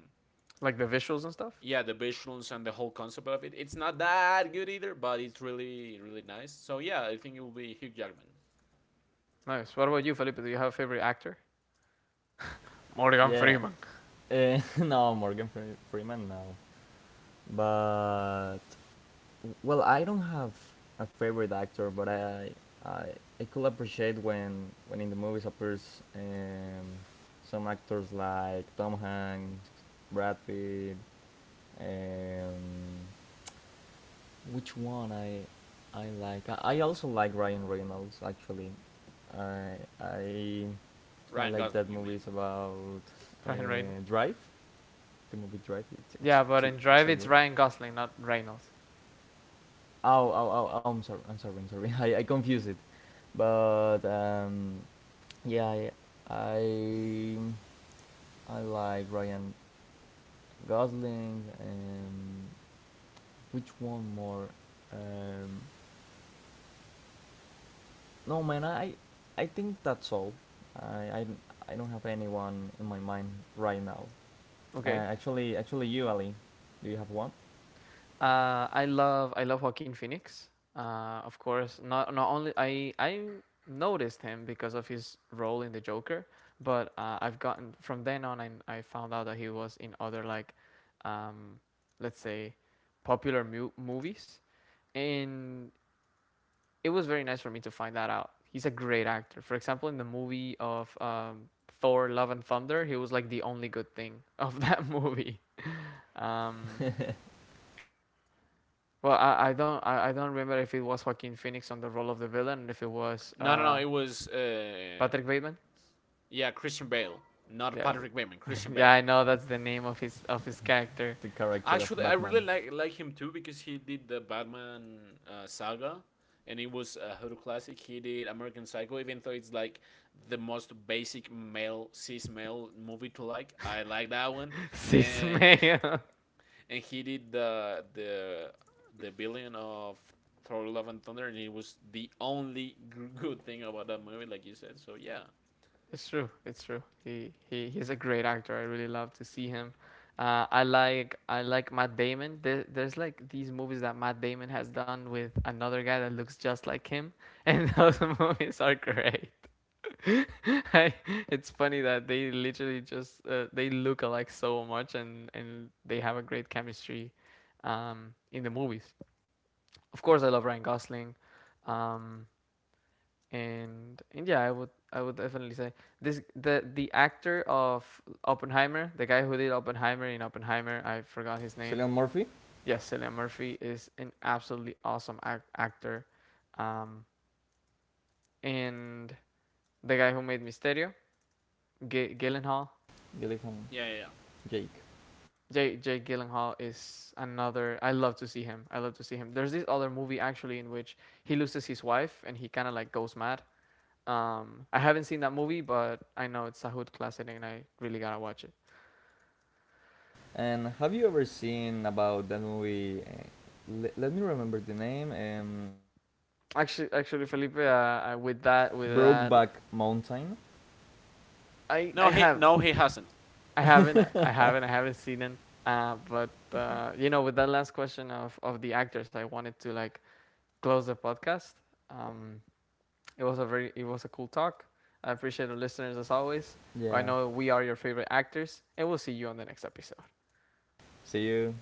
[SPEAKER 1] Like the visuals and stuff.
[SPEAKER 3] yeah the visuals and the whole concept of it. It's not that good either, but it's really really nice. So yeah, I think it will be Hugh Jackman.
[SPEAKER 1] Nice. What about you, Felipe? Do you have a favorite actor? Morgan
[SPEAKER 2] Yeah.
[SPEAKER 1] Freeman.
[SPEAKER 2] Uh, no, Morgan Fre- Freeman. No. But well, I don't have a favorite actor, but I I, I could appreciate when when in the movies appears um, some actors like Tom Hanks, Brad Pitt, and which one I I like. I, I also like Ryan Reynolds actually. I I I
[SPEAKER 3] Ryan
[SPEAKER 2] like
[SPEAKER 3] Gosling,
[SPEAKER 2] that
[SPEAKER 3] you mean?
[SPEAKER 2] movie. It's about uh,
[SPEAKER 1] Ryan Reynolds.
[SPEAKER 2] Drive. The movie Drive. It's it's
[SPEAKER 1] Yeah, but
[SPEAKER 2] too,
[SPEAKER 1] in
[SPEAKER 2] it's
[SPEAKER 1] Drive
[SPEAKER 2] so
[SPEAKER 1] it's
[SPEAKER 2] good.
[SPEAKER 1] Ryan Gosling, not Reynolds.
[SPEAKER 2] Oh, oh, oh, oh, I'm sorry. I'm sorry. I'm sorry. I, I confuse it. But um, yeah, I, I I like Ryan Gosling, and which one more? Um, no man, I I think that's all. I I, I don't have anyone in my mind right now.
[SPEAKER 1] Okay.
[SPEAKER 2] Uh, actually, actually, you Ali, do you have one?
[SPEAKER 1] Uh, I love I love Joaquin Phoenix. Uh, of course, not not only I I noticed him because of his role in the Joker, but uh, I've gotten from then on I I found out that he was in other like, um, let's say, popular mu- movies, and it was very nice for me to find that out. He's a great actor. For example, in the movie of um, Thor: Love and Thunder, he was like the only good thing of that movie. Um,
[SPEAKER 2] The
[SPEAKER 1] Well, I, I don't I, I don't remember if it was Joaquin Phoenix on the role of the villain, and if it was
[SPEAKER 3] No, no, no.
[SPEAKER 1] uh,
[SPEAKER 3] It was uh,
[SPEAKER 1] Patrick Bateman.
[SPEAKER 3] yeah, Christian Bale, not
[SPEAKER 1] Yeah, is it-
[SPEAKER 3] Patrick Bateman. Christian Bale.
[SPEAKER 1] yeah, I know that's the name of his of his character,
[SPEAKER 2] character of
[SPEAKER 3] Actually, I really
[SPEAKER 2] Batman.
[SPEAKER 3] like like him too because he did the Batman uh, saga, and it was a horror classic. He did American Psycho, even though it's like the most basic male cis male movie to like. I like that one,
[SPEAKER 1] Sis
[SPEAKER 3] and
[SPEAKER 1] Mayo.
[SPEAKER 3] and he did the the the billion of Thor: Love and Thunder, and it was the only good thing about that movie, like you said. So yeah,
[SPEAKER 1] It's true, it's true. He he he's a great actor. I really love to see him. Uh, I like I like Matt Damon. There, there's like these movies that Matt Damon has done with another guy that looks just like him, and those movies are great. I, it's funny that they literally just uh, they look alike so much and and they have a great chemistry um in the movies. Of course I love Ryan Gosling. Um and and yeah, I would I would definitely say this the the actor of Oppenheimer, the guy who did Oppenheimer in Oppenheimer, I forgot his name.
[SPEAKER 2] Cillian Murphy,
[SPEAKER 1] Yes, Cillian Murphy is an absolutely awesome ac- actor. Um and the guy who made Mysterio, G- Gyllenhaal,
[SPEAKER 2] you live on
[SPEAKER 3] yeah, yeah. Yeah.
[SPEAKER 2] Jake.
[SPEAKER 1] Jake Jake Gyllenhaal is another. I love to see him. I love to see him. There's this other movie actually in which he loses his wife and he kind of like goes mad. Um, I haven't seen that movie, but I know it's a hood classic and I really gotta watch it.
[SPEAKER 2] And have you ever seen about that movie? Uh, le- let me remember the name. Um,
[SPEAKER 1] Actually, actually, Felipe, uh, uh, with that, with that,
[SPEAKER 2] Brokeback Mountain.
[SPEAKER 1] I
[SPEAKER 3] No,
[SPEAKER 1] I
[SPEAKER 3] he
[SPEAKER 1] have
[SPEAKER 3] no he hasn't.
[SPEAKER 1] I haven't I haven't I haven't seen it. Uh, but uh, you know, with that last question of of the actors, I wanted to like close the podcast. Um, It was a very it was a cool talk. I appreciate the listeners as always. I
[SPEAKER 2] Yeah.
[SPEAKER 1] know we are your favorite actors, and we'll see you on the next episode.
[SPEAKER 2] See you.